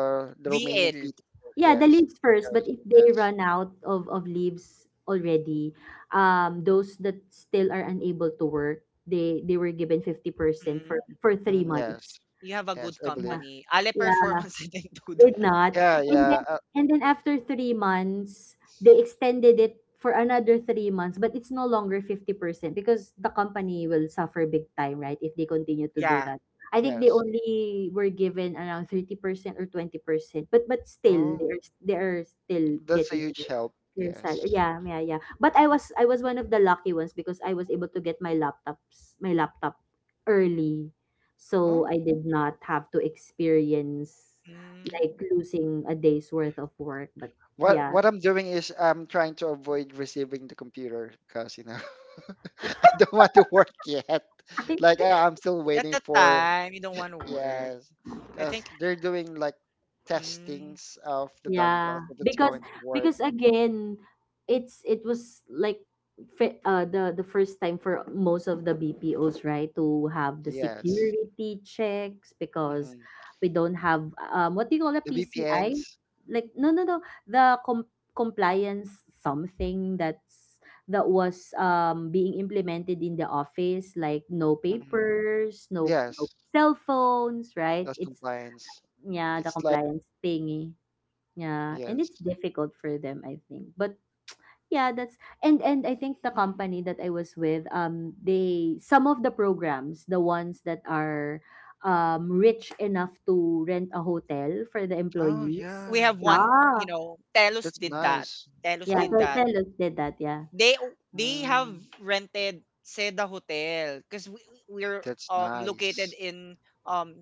S2: the Romanian
S1: V L.
S2: P T.
S3: Yeah, the
S2: Yes,
S3: leaves first,
S2: yes,
S3: but if they
S2: yes,
S3: run out of of leaves already, um, those that still are unable to work, they they were given fifty percent
S1: Mm,
S3: for for three
S2: mhm, yes,
S3: months.
S1: you have a good
S2: yes. I believe.
S3: Yeah,
S1: company. Ale
S3: yeah.
S1: Performance didn't do
S3: Did
S1: that.
S3: not.
S2: Yeah,
S3: And
S2: yeah,
S3: then
S2: uh,
S3: and then after three months, they extended it for another three months, but it's no longer fifty percent because the company will suffer big time, right? If they continue to do
S1: Yeah.
S3: that. I think they
S2: yes.
S3: only were given around thirty percent or twenty percent, but but still
S2: Oh,
S3: they're they're still
S2: that's a
S3: getting
S2: huge
S3: their
S2: help.
S3: their salary.
S2: Yes.
S3: Yeah, yeah, yeah. But I was I was one of the lucky ones because I was able to get my laptops, my laptop early, so
S2: Oh,
S3: I did not have to experience
S1: Mm.
S3: like
S2: yeah.
S3: losing a day's worth of work. But
S2: what
S3: yeah,
S2: what I'm doing is I'm trying to avoid receiving the computer because you know I don't want to work yet.
S3: I,
S2: Like I- I'm still
S1: At
S2: waiting
S1: the
S2: for
S1: time, you don't want to work.
S2: yes,
S1: I
S2: because
S1: think
S2: they're doing like
S1: mm,
S2: testings of the dongle
S3: yeah.
S2: if it's
S3: Because
S2: going to work.
S3: because again, it's it was like fi- uh the the first time for most of the B P Os, right, to have the
S2: Yes,
S3: security checks because
S2: hmm,
S3: we don't have um what do you call a
S2: the
S3: P C I?
S2: V P Ns.
S3: Like, no, no, no, the com- compliance, something that's that was um being implemented in the office, like no
S2: Hmm.
S3: papers, no
S2: Yes,
S3: no cell phones, right?
S2: that's
S3: It's
S2: compliance.
S3: Yeah, the
S2: It's like
S3: compliance thingy. Yeah, and it's
S2: yes.
S3: difficult for them, I think. But yeah, that's, and and I think the company that I was with, um, they, some of the programs, the ones that are um rich enough to rent a hotel for the
S2: Oh
S3: employees.
S1: we
S2: yeah,
S1: have one, you
S3: Yeah,
S1: know, Telus
S2: that's
S1: did that.
S2: nice.
S1: Telus
S3: yeah,
S1: did
S2: Oh,
S3: Tel-
S1: that.
S3: Telos did that. Yeah.
S1: They they have
S2: mm,
S1: rented Seda Hotel because we, we're
S2: that's
S1: um located
S2: nice.
S1: in um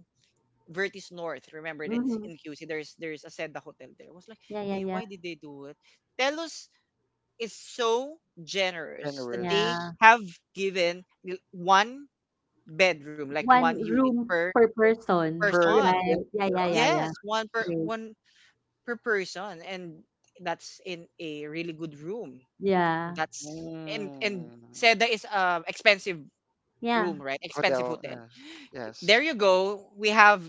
S1: Vertis North. Remember in
S3: Mm-hmm.
S1: in Q C, there's there's a Seda hotel there. I was like,
S3: Yeah, yeah,
S1: hey,
S3: yeah,
S1: why did they do it? Telos is so generous that they
S3: yeah.
S2: Generous
S1: have given l- one bedroom, like one
S3: One
S1: unit
S3: room
S1: per
S3: per person,
S2: per
S1: person.
S2: event.
S3: right? Yeah, yeah,
S2: Oh,
S3: yeah,
S1: Yes,
S3: yeah.
S1: one per
S3: Yes.
S1: one per person, and that's in a really good room.
S3: Yeah,
S1: That's and and
S2: mm,
S1: Seda is a expensive room,
S3: yeah.
S1: right? Expensive
S2: hotel.
S1: hotel.
S2: Yes. Yes.
S1: There you go. We have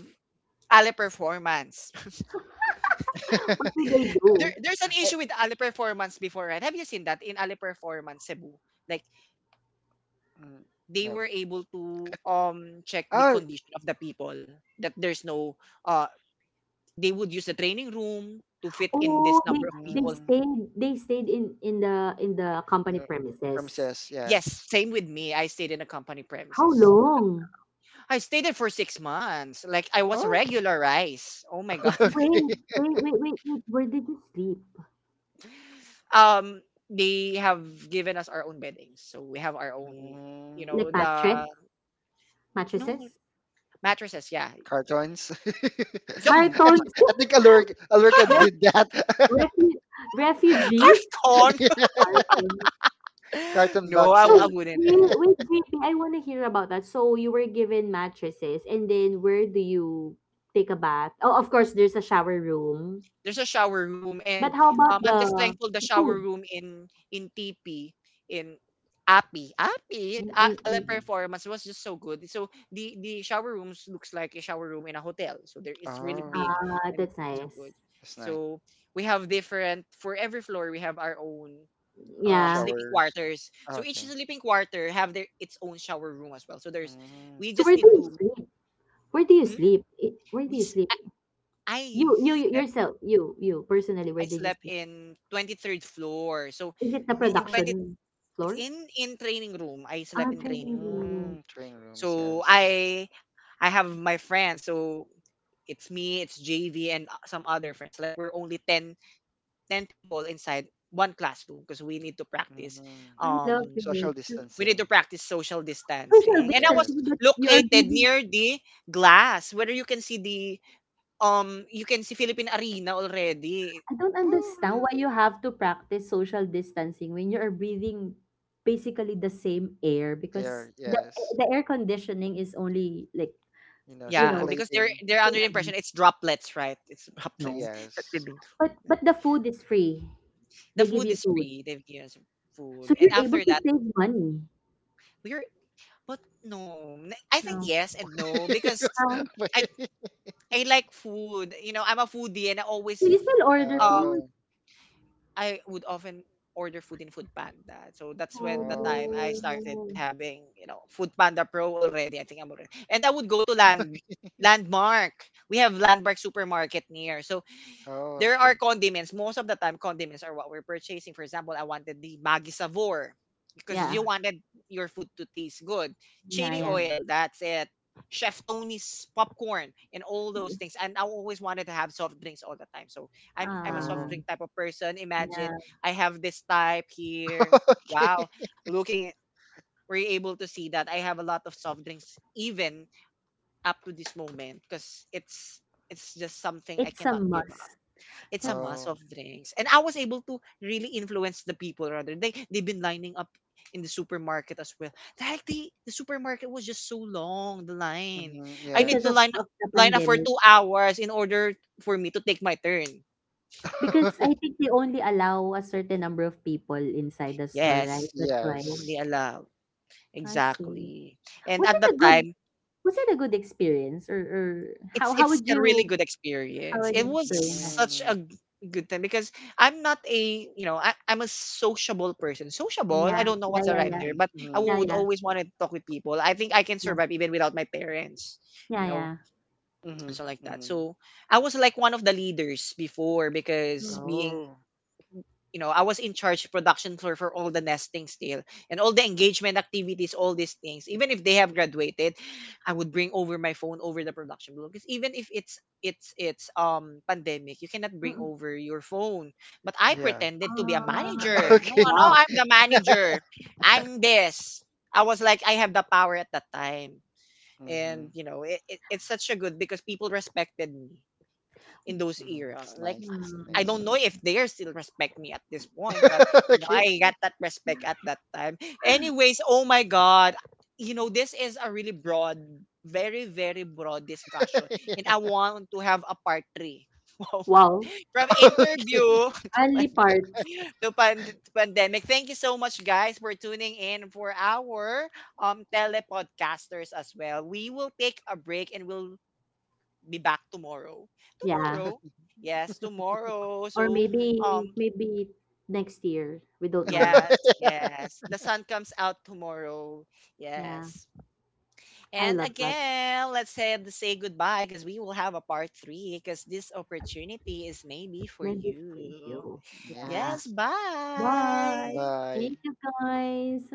S1: Ale performance.
S3: What do they
S1: there
S3: do?
S1: there's an
S2: I,
S1: issue with Ali Performance before, right? Have you seen that in Ali Performance Cebu? Like
S2: mm,
S1: they
S2: no.
S1: were able to um check the
S2: Oh,
S1: condition of the people that there's no uh they would use the training room to fit in
S3: Oh,
S1: this
S3: they
S1: number of
S3: they
S1: people.
S2: mm,
S3: stayed they stayed in in the in the company
S2: no.
S3: premises.
S2: Premises.
S1: Yes,
S2: Yes.
S1: same with me. I stayed in a company
S3: How
S1: premises.
S3: long?
S1: I stayed there for six months. Like I was
S2: Oh.
S1: regularized. Oh my god.
S2: Okay.
S3: Wait, wait, wait, wait, wait. Where did you sleep?
S1: um, they have given us our own beddings, so we have our own, you
S3: Like
S1: know,
S2: Mm,
S3: mattress,
S1: the no,
S3: mattresses,
S1: mattresses. Yeah,
S2: cartons. I
S1: some
S3: cartons.
S2: think, I think Aluric, Aluric
S3: Ref,
S2: did that.
S3: refu, refugees,
S1: Carton.
S3: cartons.
S2: Carton
S1: No, I,
S3: So
S1: I
S2: boxes.
S1: wouldn't.
S3: wait,
S1: Eh.
S3: wait, J P, I want to hear about that. So you were given mattresses, and then where do you take a bath? Oh, of course, there's a shower room.
S1: There's a shower room,
S3: But
S1: and
S3: how about
S1: um, I'm just
S3: the,
S1: thankful the
S3: the
S1: shower
S3: food?
S1: room in in T P in Api Api
S3: And,
S1: A-
S3: and,
S1: Ala
S3: and
S2: Mhm.
S1: Performance was just so good. So the the shower rooms looks like a shower room in a hotel. So there it's really big
S2: Oh,
S3: Ah,
S1: and
S3: that's
S1: so good.
S3: nice.
S2: that's nice.
S1: So we have different for every floor. We have our own um
S3: Yeah.
S1: sleeping
S2: Showers.
S1: quarters.
S2: Oh,
S1: So each
S2: okay.
S1: sleeping quarter have their its own shower room as well. So there's
S2: Mm,
S1: we
S3: So
S2: that's
S1: just
S3: where do
S1: need
S2: nice.
S3: you
S1: to.
S3: sleep? Where do you
S1: Mhm.
S3: sleep? I- Where do
S1: we
S3: you
S1: s-
S3: sleep?
S1: I
S3: You, you you-
S1: slept
S3: yourself, you, you, personally,
S1: I
S3: where did you
S1: slept
S3: sleep?
S1: in twenty-third floor. So
S3: Is it the
S1: i- in
S2: Oh,
S1: twenty,
S3: production
S1: it's
S3: floor?
S1: in in training room. I
S3: Ah,
S1: slept in training
S3: training
S1: room.
S3: room.
S2: mm, training rooms,
S1: So
S2: yes.
S1: I I have my friends. So it's me, it's J V and uh, some other friends. Like we're only ten ten people inside one classroom because we need to practice
S2: Mm.
S3: I love
S1: um
S2: Social
S3: it.
S1: we need to
S2: distancing,
S1: practice social
S3: Social
S1: distancing. And I was
S2: yes.
S3: distancing, but you are
S1: located
S3: breathing.
S1: near the glass where you can see the um you can see Philippine Arena already.
S3: I don't
S2: Oh,
S3: understand why you
S2: really?
S3: have to practice social distancing when you are breathing basically the same air because
S2: There,
S3: the
S2: yes.
S3: the air conditioning is only like,
S2: You know,
S3: you
S1: Yeah,
S3: know,
S1: because they're
S2: circulating,
S1: they're under the impression it's droplets, right? It's
S3: no.
S1: droplets that we've
S2: yes.
S1: been throwing
S3: But
S1: that.
S3: but the food is free. They
S1: The
S3: give
S1: food
S3: you
S1: is
S3: food.
S1: free. They've given us
S3: So
S1: food, and
S3: you're able
S1: after
S3: to
S1: that,
S3: save money
S1: we're but no, n- I think
S3: now.
S1: yes and no because
S3: Ah,
S1: I
S2: Wait.
S1: I like food. You know, I'm a foodie, and I
S3: so
S1: always
S3: you still order
S1: um
S3: food?
S2: Oh,
S1: I would often order food in Food Panda. So that's when the
S2: oh,
S1: time I
S2: yes.
S1: started
S3: Oh.
S1: having you know Food Panda Pro already. I think I'm already, and I would go to Land Landmark. We have Landmark Supermarket near, so
S2: Oh,
S1: there are
S2: okay.
S1: condiments. Most of the time, condiments are what we're purchasing. For example, I wanted the Maggi Savor because you
S3: Yeah.
S1: wanted your food to taste good.
S3: Yeah,
S1: Chili
S3: yeah.
S2: Mm-hmm.
S1: oil, that's it. Chef Tony's popcorn and all those things. And I always wanted to have soft drinks all the time. So I'm, I'm a soft
S3: Ah,
S2: Oh,
S1: drink type of person. Imagine
S3: yeah.
S1: I have this type here.
S2: okay.
S1: Wow. Looking at Were you able to see that I have a lot of soft drinks even up to this moment because it's it's just something I
S3: It's a
S1: cannot give up.
S3: must.
S1: It's a
S3: That's
S1: mass
S2: Oh,
S1: of drinks. And I was able to really influence the people rather. They they've been lining up in the supermarket as well. Like the the supermarket was just so long, the line.
S2: mm-hmm.
S1: I need
S3: because
S1: to
S2: Yes.
S3: of,
S1: line
S3: of the
S1: line up for
S3: pandemic.
S1: two hours in order for me to take my turn.
S3: Because I think they only allow a certain number of people inside the store, right?
S1: Yes.
S3: That's why.
S2: Yes.
S1: Only allowed.
S3: I see.
S1: Exactly. And
S3: Was
S1: at
S3: it a
S1: that
S3: good
S1: time,
S3: was it a good experience, or, or how
S1: it's
S3: how
S1: it's
S3: would
S1: a really
S3: you,
S1: good
S3: how
S1: experience.
S3: would
S1: It
S3: you
S1: was
S3: explain it?
S1: such
S2: Mm-hmm.
S1: a g- good time because I'm not a, you know I, I'm a sociable person. Sociable, I
S3: Yeah,
S1: don't know
S3: yeah,
S1: what's the
S3: yeah,
S1: right
S3: yeah.
S1: term, but I
S2: Mm-hmm.
S3: Yeah,
S1: would
S3: yeah,
S1: always want to talk with people. I think I can
S3: yeah,
S1: survive even without my parents,
S3: yeah,
S1: you know,
S3: yeah.
S2: Mm-hmm.
S1: and so like that.
S2: Mm-hmm.
S1: So I was like one of the leaders before because
S3: Mm,
S1: being
S2: Oh,
S1: you know, I was in charge production for for all the nesting still and all the engagement activities, all these things. Even if they have graduated, I would bring over my phone over the production blog. Because even if it's it's it's um pandemic, you cannot bring
S3: mm-mm.
S1: over your phone. But I
S2: yeah.
S1: pretended to be a
S3: Ah,
S1: manager. No,
S2: Okay.
S1: no,
S3: wow.
S1: I'm the manager. I'm this. I was like I have the power at that time.
S2: Mm-hmm.
S1: And you know, it, it, it's such a good because people respected me in those
S2: Hmm.
S1: era.
S2: It's
S1: Like
S2: nice. It's
S1: I
S2: nice.
S1: don't
S3: Hmm.
S1: know if they are still respect me at this point, but you know,
S2: Okay.
S1: I got that respect at that time. Anyways, oh my god, you know, this is a really broad, very, very broad discussion. And I
S2: Yeah.
S1: want to have a part three. Wow.
S3: Wow.
S1: From
S2: Okay.
S1: interview to
S3: Only
S1: pan-
S3: parts.
S1: to pan- to pandemic. Thank you so much, guys, for tuning in for our um telepodcasters as well. We will take a break and we'll be back tomorrow.
S3: Yeah.
S1: Tomorrow. Yes, tomorrow.
S3: Or
S1: So,
S3: maybe
S1: um,
S3: maybe next year. We don't know.
S1: yes, yes. The sun comes out tomorrow.
S3: Yeah.
S1: Yes.
S3: I
S1: And
S3: love that.
S1: again, let's say say goodbye because we will have a part three because this opportunity is maybe for
S3: Maybe for
S1: you.
S3: you. Yeah.
S1: Yes,
S2: Yes.
S3: Bye.
S1: bye.
S2: Bye.
S3: Thank you guys.